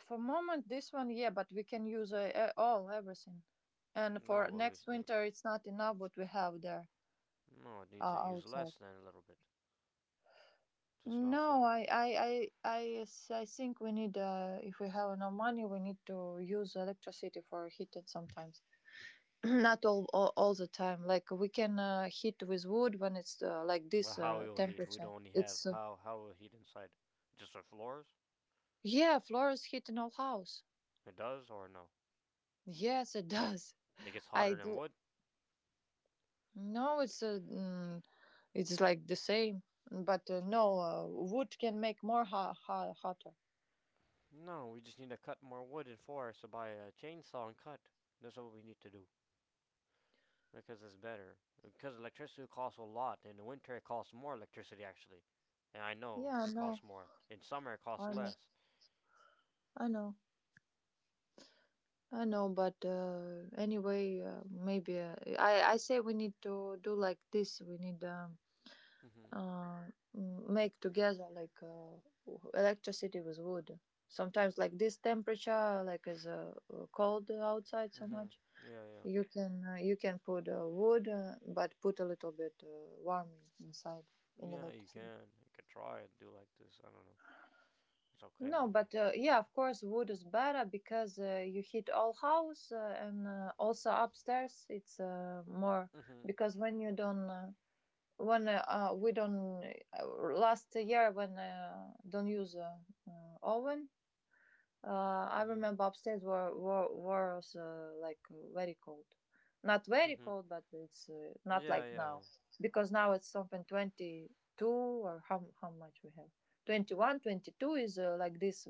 For moment, this one, yeah, but we can use, all, everything. And for
No, but we
next
still
winter, it's not enough, what we have there,
no. Need to use
outside.
less than a little bit. Just not so
No,
much.
I think we need, if we have enough money, we need to use electricity for heating sometimes. Not all the time. Like, we can heat with wood when it's, like this,
But how will heat? We
temperature.
don't only
It's,
have how will heat inside? Just for floors?
yeah, floors heat in all house.
It does or no?
Yes, it does.
It gets
I
hotter
do.
than wood.
No, it's, it's like the same, but, no, wood can make more hotter.
No, we just need to cut more wood in forest. So buy a chainsaw and cut. That's what we need to do because it's better. Because electricity costs a lot. In the winter, it costs more electricity actually, and I know
Yeah, I
it
know.
costs more. In summer, it costs
I know.
less.
I know. I know, but anyway, maybe I say we need to do like this. We need,
Mhm.
uh make together like, electricity with wood. Sometimes like this temperature, like, is cold outside so much.
Mhm. Yeah, yeah.
You can put wood, but put a little bit warming inside, in
Yeah, you
electricity.
can. You could try and do like this. I don't know. It's okay
No,
maybe.
but, yeah, of course, wood is better because you heat all house, and also upstairs it's more,
Mhm.
because when you don't, when, we don't, last year when, don't use, oven, uh, I
Mhm.
remember upstairs were were was, like, very cold, not very
Mhm.
cold, but it's, not
Yeah,
like now,
yeah.
because now it's something 22, or how much we have. 21, 22 is, like this,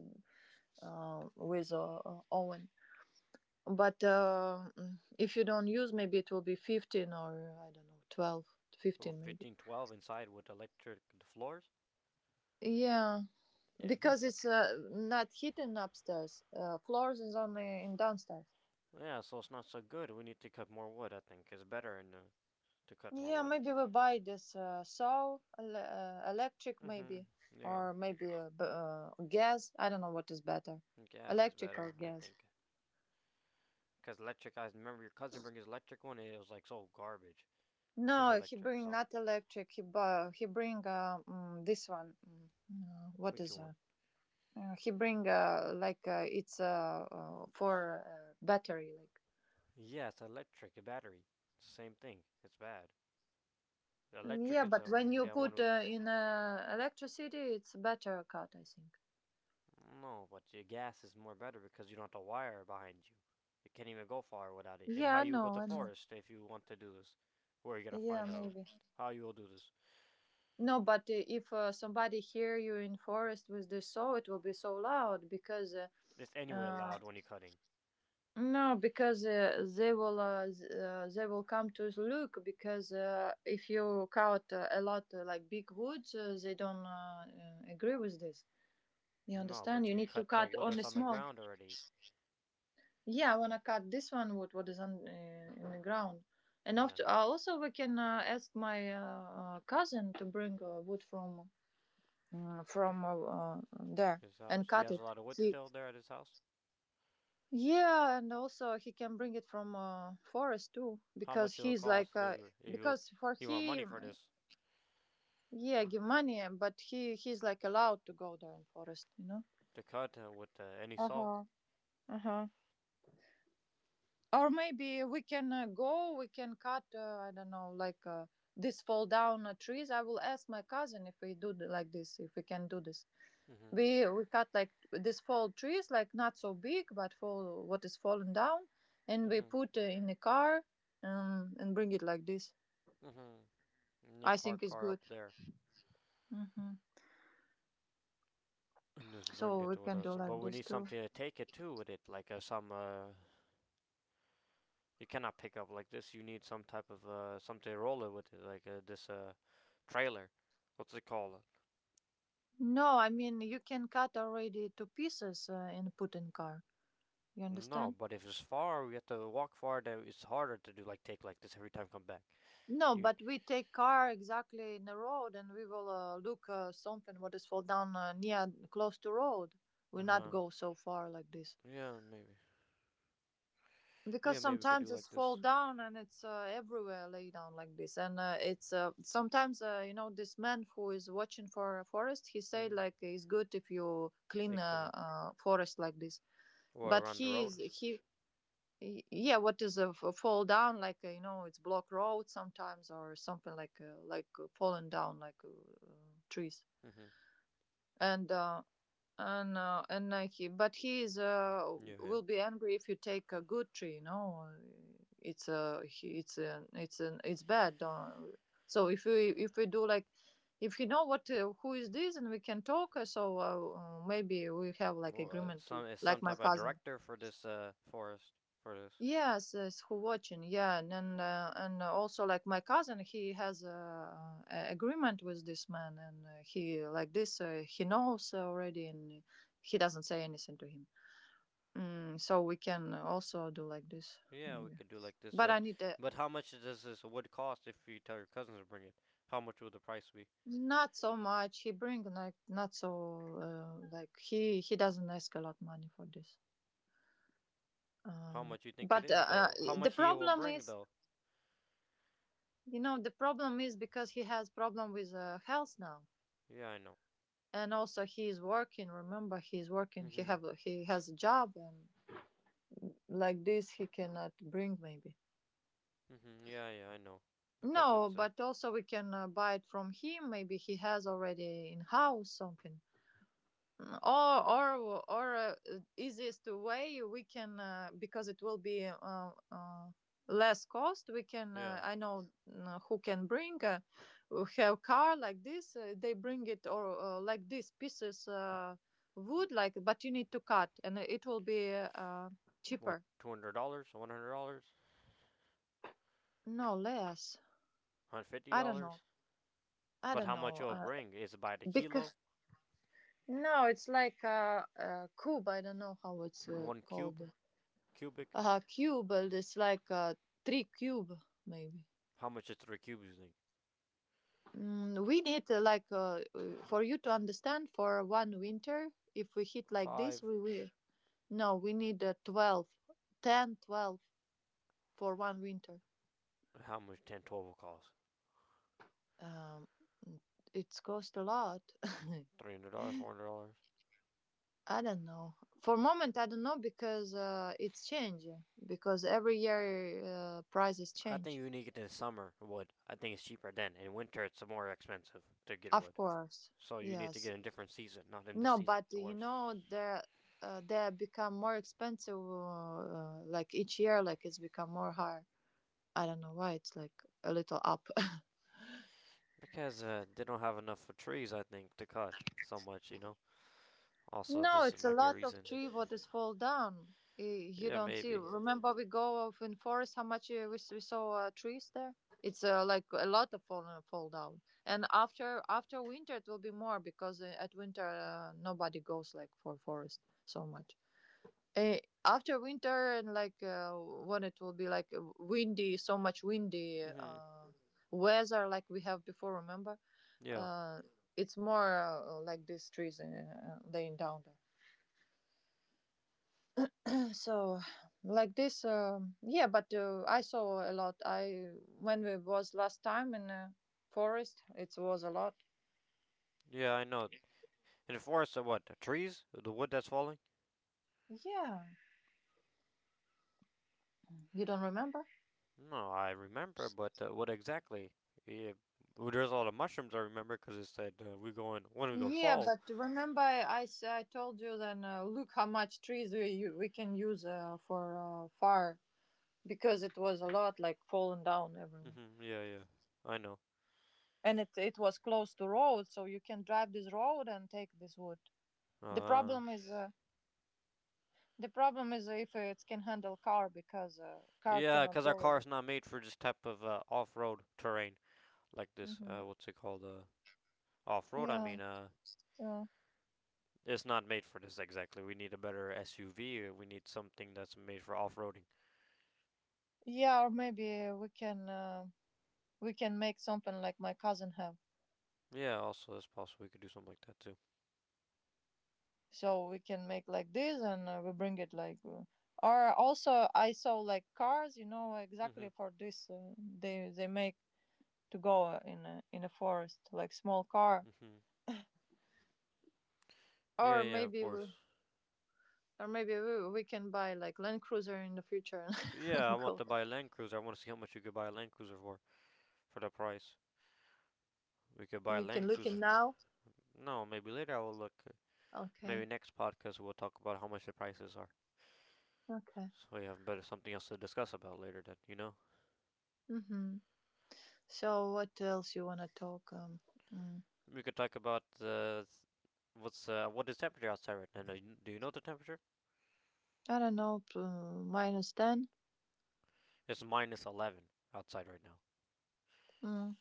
with, Owen. But, if you don't use, maybe it will be 15, or I don't know, 12,
Well,
15, maybe.
15, 12 inside with electric floors.
Yeah,
Yeah,
because
that's
it's, not heating upstairs. Floors is only in downstairs.
yeah. So it's not so good. We need to cut more wood. I think it's better in the to cut more
Yeah,
wood.
maybe we buy this, saw, electric,
Mm-hmm.
maybe,
Yeah.
or maybe, gas. I don't know what is better,
Gas is
electric or
better, I
gas.
think. Because electric, I remember your cousin bring his electric one, and it was like so garbage. It was
No, he
electric,
bring
so.
not electric. He bring, this one. What
Which
is it?
one?
He bring, like, it's, for, battery, like.
Yeah, it's electric, a battery. It's the same thing. It's bad. The electric
Yeah,
is
but
the
when you
that one
put
with.
in electricity, it's better cut, I think.
No, but your gas is more better because you don't have the wire behind you. You can't even go far without it. And
Yeah,
how
I
you will go
know,
to
I know.
forest if you want to do this? Where are you gonna
Yeah,
find out?
maybe.
How you will do this?
No, but if somebody hear you in forest with the saw, it will be so loud because,
It's anyway
uh,
allowed when you're cutting.
no, because they will come to look, because if you cut a lot, like big woods, they don't agree with this. You
No,
understand?
but you
You
could
need to
cut the
cut
wood that's
only
on the
small.
ground already.
Yeah, I wanna cut this one wood, what is on in the ground. And
Yeah,
after, also we can ask my, cousin to bring wood from there,
his
and
house. He
cut
has
it.
a lot of wood
See.
still there at his house.
Yeah, and also he can bring it from forest too,
How
because
much it'll
he's like
cost
uh,
if you
because for
you want money for
him,
this
yeah, give money. But he's like allowed to go there in forest.
to cut with any saw?
Uh-huh. Uh-huh. Or maybe we can go, we can cut, I don't know, like this fall down trees. I will ask my cousin if we do like this, if we can do this.
Mhm,
We cut like this fall trees, like not so big, but fall what is fallen down, and we
mhm,
put in the car, and bring it like this.
mhm. And you
I think
park
it's
car
good.
up there
Hmm.
and just
So
bring it
we
with
can do
us. But
like
we
this
need
too.
something to take it too with it, like some. You cannot pick up like this. You need some type of something to roll it with, it, like this trailer. What's it called?
No, I mean you can cut already to pieces and put in car. You
No,
understand?
but if it's far, we have to walk far. Then it's harder to do like take like this every time come back.
No,
You.
but we take car exactly in the road, and we will look something what is fall down near close to road. We
Uh
not
huh.
go so far like this,
Yeah, maybe. Yeah,
because
maybe we could do
sometimes it's
like
fall
this.
down and it's everywhere lay down like this, and it's sometimes you know this man who is watching for a forest, he said
Hmm.
like it's good if you clean a
Take the one
forest like this.
or
But
around the
he
road.
is he yeah, what is a fall down, like you know it's block road sometimes, or something like like fallen down, like uh, trees,
Hmm.
and he, but he is
Yeah, yeah.
will be angry if you take a good tree. It's a he, it's a, it's an it's bad. Uh, so if we do like, if you know what, who is this, and we can talk, so maybe we have like
Well,
agreement to,
some is
like,
some
my
type of
cousin.
director for this forest for this.
Yes, yes, who watching? Yeah, and also, like, my cousin, he has a agreement with this man, and he like this, he knows already, and he doesn't say anything to him. So we can also do like this,
Yeah, we
maybe.
could do like this.
But I need
But how much does this wood cost if you tell your cousins to bring it? How much will the price be?
not so much. He bring like not so, like he doesn't ask a lot money for this.
How much you think it
But
is
uh,
though? How
the
much he will
problem
bring
is,
though?
you know, the problem is because he has problem with health now.
Yeah, I know.
And also he is working, remember, he is working,
Mhm.
he has a job, and like this he cannot bring maybe.
Mhm. Yeah, yeah, I know. Because
No,
it's
but also we can buy it from him, maybe he has already in house something. Or easiest way, we can, because it will be less cost. We can,
yeah.
I know, who can bring, who have car like this, they bring it, or like this pieces, wood like, but you need to cut, and it will be
What
cheaper.
$200? $100?
No, less.
one Hundred fifty
i don't
dollars?
know i
But
don't
how much
know
you will bring is it by the kilo?
because no, it's like cube. I don't know how it's
One
called.
cube? Cubic.
Cube. It's like three cube, maybe.
How much is 3 cubes? Think
We need like for you to understand. For one winter, if we hit like this,
five.
we will. No, we need 12, ten, 12 for one winter.
How much 10, 12 will cost?
Um, it's cost a lot.
$300, $400.
I don't know. For moment, I don't know, because it's change. Because every year prices
I think
change.
you need it in summer wood. I think it's cheaper then. In winter, it's more expensive to get
Of
wood.
course,
So you need to
yes.
get in a different season, not in this
No,
season.
but
It's
you know
worse
they become more expensive, like each year. Like it's become more higher. I don't know why it's like a little up.
because they don't have enough trees. I think to cut so much. You know. Also,
No,
this
it's a
might be a
lot of
reason.
tree what is fall down. You
Yeah,
don't see.
maybe.
Remember we go off in forest. How much we saw trees there. It's like a lot of fall down. And after winter it will be more, because at winter nobody goes like for forest so much. After winter, and like when it will be like windy, so much windy
Mhm.
weather like we have before. Remember,
Yeah.
uh, it's more like these trees laying down there. So, like this, yeah. But I saw a lot. I When we was last time in forest, it was a lot.
Yeah, I know. In the forest, what? The trees? The wood that's falling?
Yeah, you don't remember?
No, I remember, but what exactly? Yeah, well, there's a lot of mushrooms I remember because it said we go in when we go in
Yeah,
fall.
but remember, I told you then. Look how much trees we can use for fire, because it was a lot like falling down everywhere,
Hmm, yeah, yeah, I know.
and it was close to road, so you can drive this road and take this wood. The
Uh,
problem is uh, the problem is if it can handle car, because car
yeah,
cannot
because our
go.
car
There.
is not made for this type of off-road terrain like this.
Hmm.
What's it called? Off-road. I
Yeah,
mean,
yeah,
it's not made for this exactly. We need a better SUV. We need something that's made for off-roading.
yeah. Or maybe we can make something like my cousin have.
Yeah, also that's possible. We could do something like that too.
So we can make like this, and we bring it like, or also I saw like cars, you know, exactly
Hmm.
for this, they make to go in a forest, like small car.
Hmm. Yeah,
or
yeah, of
maybe we
course.
or maybe we, we can buy like Land Cruiser in the future,
Yeah, I
and
want
go.
to buy a Land Cruiser. I want to see how much you could buy a Land Cruiser for. For the price. We could buy a
You can
Land
look in
Cruiser.
now.
No, maybe later I will look. Maybe
Okay.
next podcast we'll talk about how much the prices are.
Okay.
So we have better something else to discuss about later. Then you know
Mm-hmm. So what else you want to talk mm,
we could talk about what's what is temperature outside right now. Do you know the temperature?
I don't know. Minus 10.
It's minus 11 outside right now.
mm.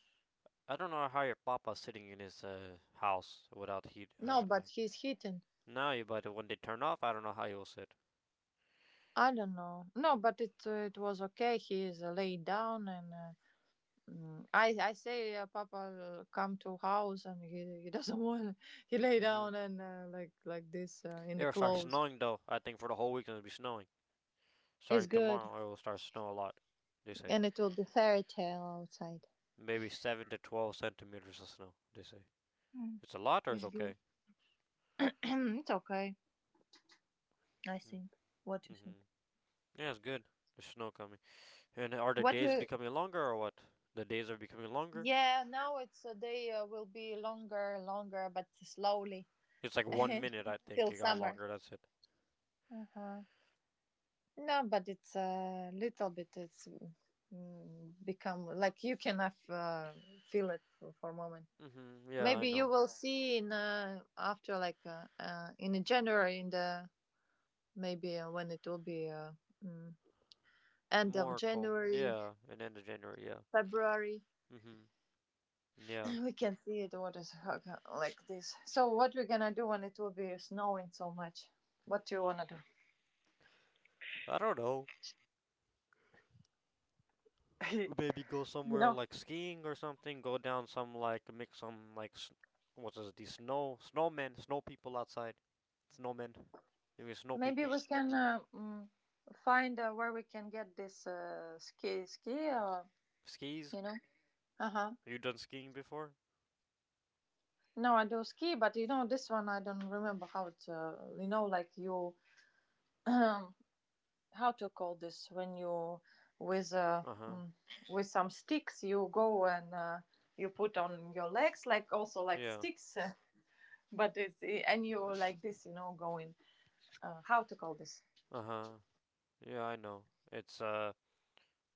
I don't know how your papa's sitting in his house without heat.
No, but he's hitting.
Now you but when they turn off, I don't know how you'll sit.
I don't know. No, but it was okay. He is laid down, and I say, Papa, come to house, and he doesn't want. He lay
Hmm.
down and like this in
It
the
will start
clothes.
snowing though. I think for the whole week it'll be snowing.
It's
Starting
good,
tomorrow, it will start snow a lot. They say.
and it will be fairy tale outside.
Maybe 7 to 12 centimeters of snow. They say
Mm,
it's a lot or it's
it's
okay.
good. It's okay, I think. What do you
Mm-hmm.
think?
Yeah, it's good. There's snow coming. And are the
What?
days becoming longer or what? The days are becoming longer.
Yeah. Now it's a day will be longer, longer, but slowly
It's like 1 minute, I think.
till
It got
summer.
longer. That's it.
Uh huh. No, but it's a little bit. It's, become like you can have, feel it for a moment.
Mm-hmm. Yeah, I
Maybe you
know.
will see in, after, like, in January, in the, maybe when it will be mm, end of
More cold.
January,
Yeah, and end of January. Yeah.
February.
Mm-hmm. Yeah.
We can see it. What is like this? So what we're gonna do when it will be snowing so much? What do you wanna do?
I don't know.
You
Maybe go somewhere
know?
like skiing or something. Go down some like make some like what's this? These snowmen, snow people outside. Snowmen. Maybe snow
Maybe
people.
we can find where we can get this
Skis?
you know. Uh huh.
Have you done skiing before?
No, I do ski, but you know, this one I don't remember how it, you know, like you, how to call this when you, with
Uh huh.
with some sticks, you go, and you put on your legs, like also like
Yeah.
sticks, but it's, and you, like this, you know, going, how to call this?
Uh huh. Yeah, I know. It's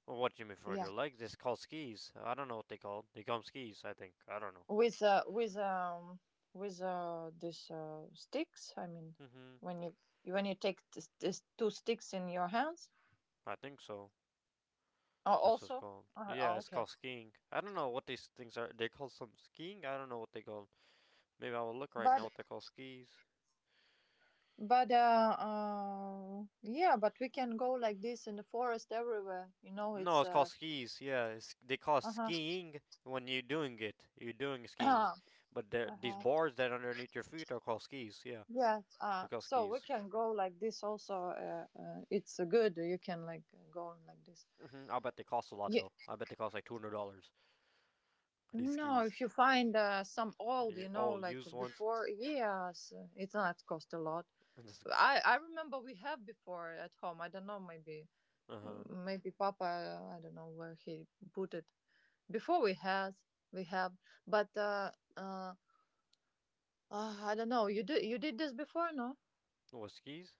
well, what do you mean for
Yeah.
your legs? It's called skis. I don't know what they called. They call 'em skis, I think. I don't know.
With uh, with um with this sticks. I mean,
Mm-hmm.
when you when you take this two sticks in your hands.
I think so.
Oh,
That's what's
also.
called. Yeah,
Oh,
it's
okay.
called skiing. I don't know what these things are. They call some skiing. I don't know what they call 'em. Maybe I will look right now
But
what they call skis.
but yeah. But we can go like this in the forest everywhere. You know,
No,
it's
it's called skis. Yeah, it's, they call it
uh huh.
skiing when you're doing it. You're doing skiing,
Uh
but these
huh.
boards that are underneath your feet are called skis. Yeah,
Yeah.
they're called
So we
skis.
can go like this also. It's good. You can, like, go like this.
Hmm. I bet they cost a lot
Yeah.
though. I bet they cost like $200. These
No, if
skis,
you find some old, you
You-
know,
oh,
like
used ones.
before, yes, it's not cost a lot.
Uh
I remember we have before at home. I don't know, maybe,
huh.
maybe Papa, I don't know where he put it. Before we had, we have, but uh, I don't know. You did this before, no?
What skis?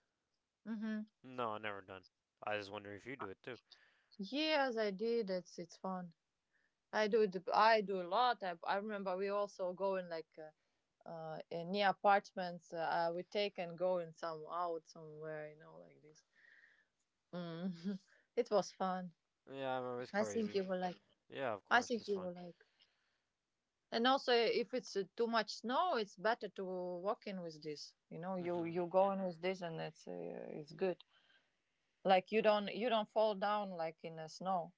Mm-hmm.
No, I never done. I just wonder if you do it too.
Yes, I did. It's fun. I do it. I do a lot. I remember we also go in, like, near apartments. I would take and go in some out somewhere, you know, like this. Mm. It was fun.
Yeah, I remember it's
I think
crazy.
you will like.
Yeah, of
I
course,
think
it's
you
fun.
will like. And also, if it's too much snow, it's better to walk in with this. You know, you
Mhm.
you go in with this, and it's good. Like you don't fall down like in the snow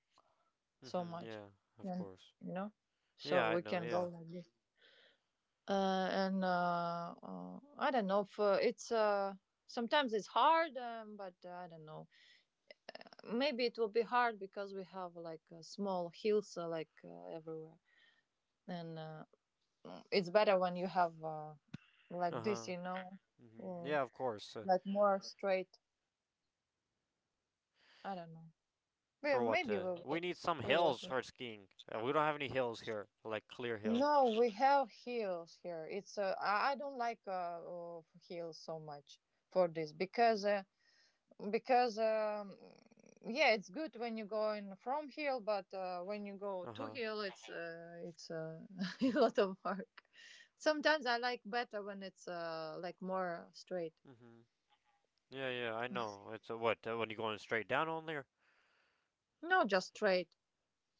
so
Mhm.
much.
Yeah, of
Yeah.
course.
You know,
Yeah,
so
I
we
know.
can go
Yeah.
like this. And I don't know if it's sometimes it's hard, but I don't know. Maybe it will be hard because we have like small hills, like everywhere, and it's better when you have,
Uh
like this,
huh.
you know,
Mhm.
or
Yeah, of course.
like more straight. I don't know. Well,
For what?
maybe we
We
will.
need some
We will
hills
do.
for skiing. We don't have any hills here, like clear hills.
No, we have hills here. It's I don't like hills so much for this, because. Because yeah, it's good when you're going from hill, but when you go
Uh
to
huh.
hill, it's a lot of work. Sometimes I like better when it's like more straight.
Mhm. Yeah, yeah, I know. It's what when you going straight down only, or
No, just straight.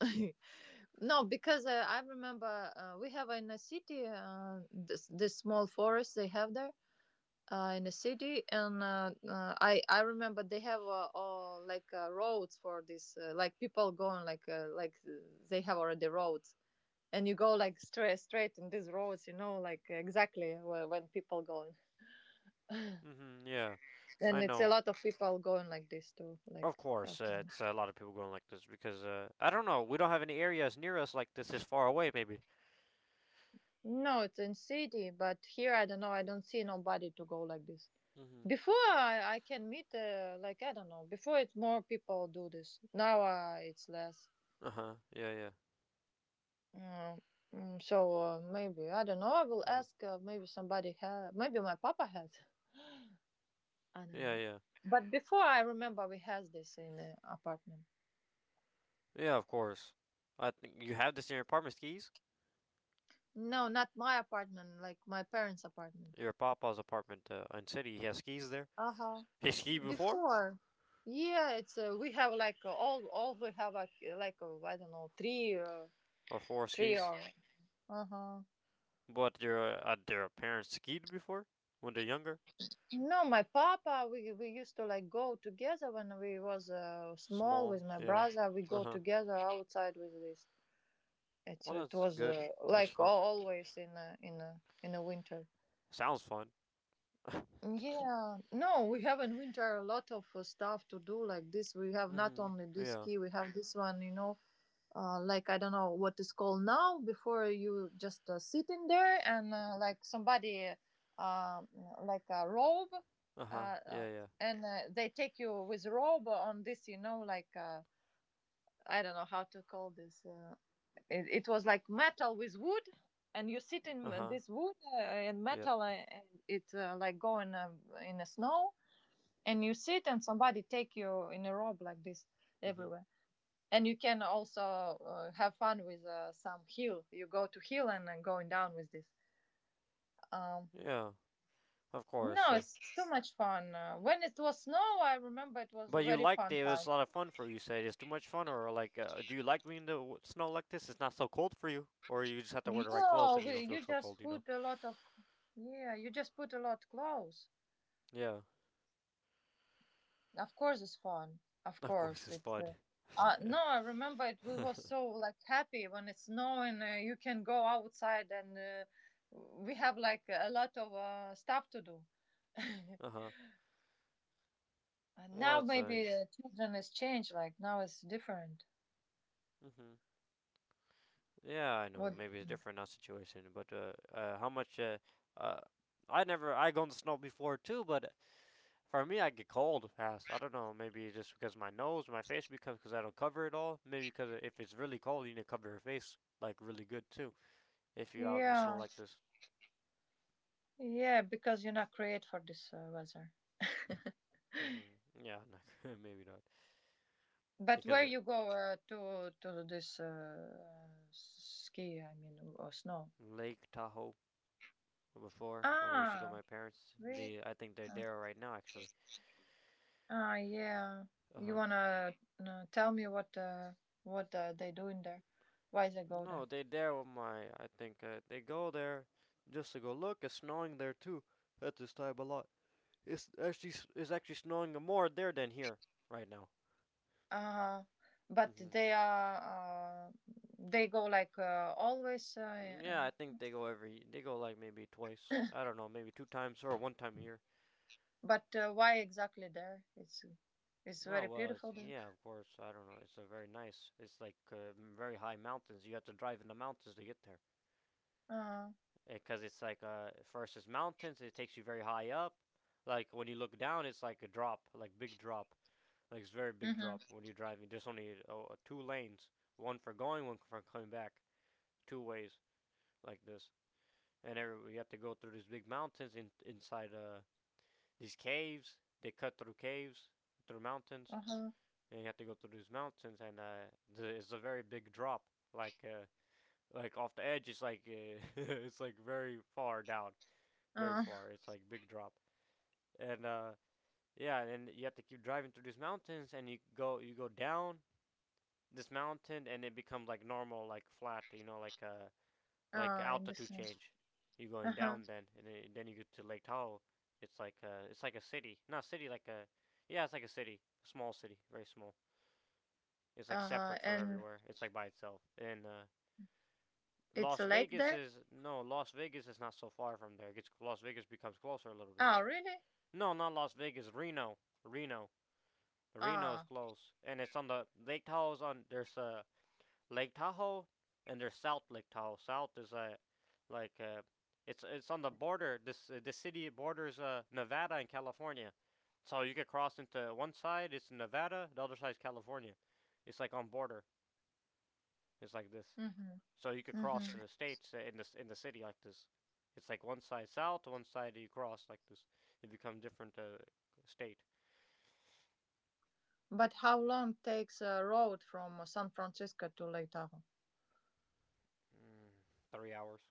No, because I remember, we have in a city, this small forest they have there, in a city. And I remember they have, all, like roads for this, like people going like they have already roads. And you go like straight in these roads, you know, like exactly where, when people going.
Mm-hmm, yeah,
And
I
it's a
know.
lot of people going like this too, like
Of
have
course,
fun.
it's a lot of people going like this because I don't know. We don't have any areas near us like this is far away, maybe.
No, it's in city, but here I don't know, I don't see nobody to go like this
Mm-hmm.
before. I can meet, like I don't know, before it's more people do this, now it's less.
Uh huh. Yeah, yeah.
Mm, mm, so maybe I don't know, I will
Hmm.
ask, maybe somebody maybe my papa has. I don't
Yeah,
know,
yeah.
but before I remember we has this in the apartment.
Yeah, of course. I think you have this in your apartment skis.
No, not my apartment, like my parents' apartment.
Your papa's apartment in city. He has skis there.
Uh huh.
He skied before
Before, yeah, it's we have like all we have like I don't know, three,
or four
three
skis.
or uh huh.
But your their parents skied before when they're younger.
No, my papa, we used to like go together when we was small with
Small.
my
Yeah.
brother. We
Uh
go
huh.
together outside with this. It's
Well,
it
that's
was
good. That's
like
fun.
always in a winter.
Sounds fun.
Yeah, no, we have in winter a lot of stuff to do like this. We have not
Mm-hmm.
only this
Yeah.
ski, we have this one, you know, like I don't know what it's called now. Before you just sit in there and like somebody, uh, like a robe,
Uh
uh,
huh.
uh,
Yeah, yeah.
and they take you with robe on this, you know, like I don't know how to call this. It was like metal with wood, and you sit
Uh
in
huh.
this wood and
Yeah.
metal, and it like going in the snow, and you sit and somebody take you in a robe like this
Mhm.
everywhere. And you can also have fun with some hill, you go to hill and then going down with this. um,
Yeah. Of course.
no, it's too much fun when it was snow. I remember it was a
But you
very
liked
fun
it. It was a
time.
lot of fun for you. You said it's too much fun, or like, do you like being in the snow like this? It's not so cold for you, or you just have to wear the right clothes
No,
and
we,
you don't feel
you
so
just
cold. You know.
put a lot of, yeah, you just put a lot clothes.
Yeah.
Of course, it's fun. Of
Of course,
course,
it's
it's.
fun.
No, I remember it. We
Uh
were so like happy when it's snowing. You can go outside, and we have like a lot of stuff to do.
huh.
And
Well,
now
it's
maybe children has changed. Like now it's different.
Mhm. Yeah, I know.
What? Do
Maybe
you
it's
think?
different now situation, but how much uh, I never I go to snow before too, but for me, I get cold fast. I don't know. Maybe just because my nose, my face, because I don't cover it all. Maybe because if it's really cold, you need to cover your face like really good too. If you're out in the snow
Yeah,
like this.
yeah, because you're not created for this weather.
Hmm. Yeah, no, maybe not.
But
Because
where
at
you go, to this, ski? I mean, or snow?
Lake Tahoe before, when I used to go with
Ah,
my parents,
really?
they I think they're there right now actually.
Ah, yeah.
Uh
You
huh.
wanna tell me what, what they do in there? Why they go
No,
there?
they are there with my. I think they go there just to go look. It's snowing there too at this time a lot. It's actually snowing more there than here right now.
Uh, but
Hmm.
they are they go like always.
Yeah, I think they go every. They go like maybe twice. I don't know, maybe two times or one time a year.
But why exactly there? It's
Oh
very
well,
beautiful
it's,
there.
yeah, of course. I don't know. It's a very nice. It's like very high mountains. You have to drive in the mountains to get there
Uh,
because it's like first it's mountains. It takes you very high up. Like when you look down, it's like a drop, like big drop. Like it's very big
huh,
drop when you're driving. There's only oh, two lanes, one for going, one for coming back, two ways like this. And every, you have to go through these big mountains in, inside these caves. They cut through caves, through mountains,
uh-huh.
and you have to go through these mountains, and it's a very big drop. Like uh, like off the edge, it's like it's like very far down, very
Uh,
far. It's like big drop, and yeah, and you have to keep driving through these mountains, and you go down this mountain, and it becomes like normal, like flat, you know, like
I
altitude
understand.
change. You're going
Uh-huh.
down then, and then you get to Lake Tahoe. It's like a city, not a city, like a yeah, it's like a city, a small city, very small. It's like
Uh-huh.
separate from
And
everywhere. It's like by itself. And
it's
Las
a lake
Vegas
there?
is no, Las Vegas is not so far from there. It gets Las Vegas becomes closer a little bit.
Ah, really?
No, not Las Vegas, Reno, Reno is
Ah.
close, and it's on the Lake Tahoe's on. There's a Lake Tahoe, and there's South Lake Tahoe. South is a, like it's on the border. This the city borders Nevada and California, so you could cross into one side. It's Nevada, the other side's California. It's like on border. It's like this,
Mm-hmm.
so you could cross
Mm-hmm.
the states in the city like this. It's like one side south, one side you cross like this. It becomes different state.
But how long takes a road from San Francisco to Lake Tahoe?
Mm, 3 hours.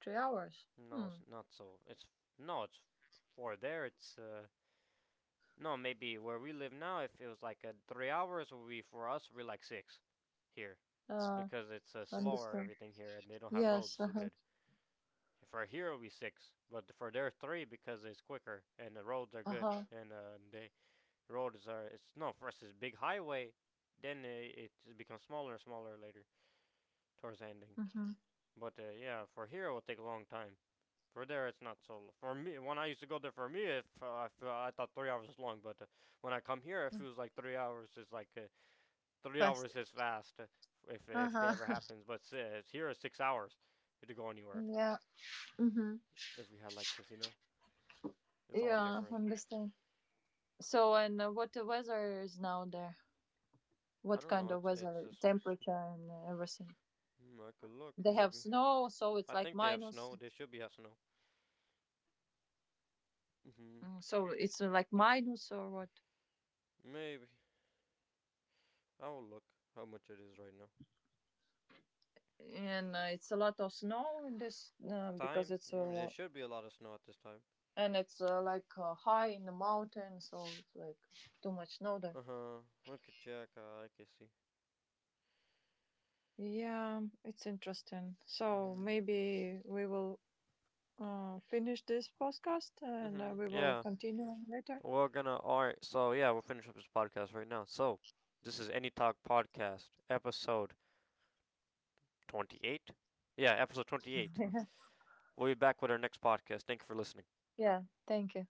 3 hours.
No,
Hmm.
it's not so. It's no, it's for there. It's no, maybe where we live now, if it was like a 3 hours, would be for us We be like 6 here
Uh,
because it's slower
understand.
everything here and they don't have
Yes.
roads
Uh
so
huh.
good. For here it'll be 6, but for there 3 because it's quicker and the roads are
Uh
good
huh.
and the roads are it's no for us it's big highway. Then it becomes smaller and smaller later towards the ending.
Mhm.
But yeah, for here it will take a long time. For there, it's not so. For me, when I used to go there, for me, if I, feel, I thought 3 hours was long, but when I come here, it feels like 3 hours is like 3 hours
Fast.
is fast if
Uh
if that ever
huh.
happens. But here is 6 hours to go anywhere.
Yeah. Mhm.
If we had like this, you know, it's all
Yeah.
different.
Understand. So, and what the weather is now there?
I
What
don't
kind
know.
of
It's it's
weather,
just it's-
temperature, and everything?
hmm, I could look
They have
maybe.
snow, so it's
I
like
think they have
minus.
snow. They should be have snow. Hmm.
Mm, so it's like minus or what?
Maybe I will look how much it is right now.
And it's a lot of snow in this, because
Time?
it's
Mm, there
uh,
should be a lot of snow at this time.
and it's like high in the mountain, so it's like too much snow there.
Uh huh. I could check. I can see.
Yeah, it's interesting. So
Mm-hmm.
maybe we will finish this podcast and we
Mm-hmm.
will
Yeah.
continue later.
We're gonna. All right. So yeah, we'll finish up this podcast right now. So this is Any Talk Podcast, episode 28. Yeah, episode 28. We'll be back with our next podcast. Thank you for listening.
Yeah, thank you.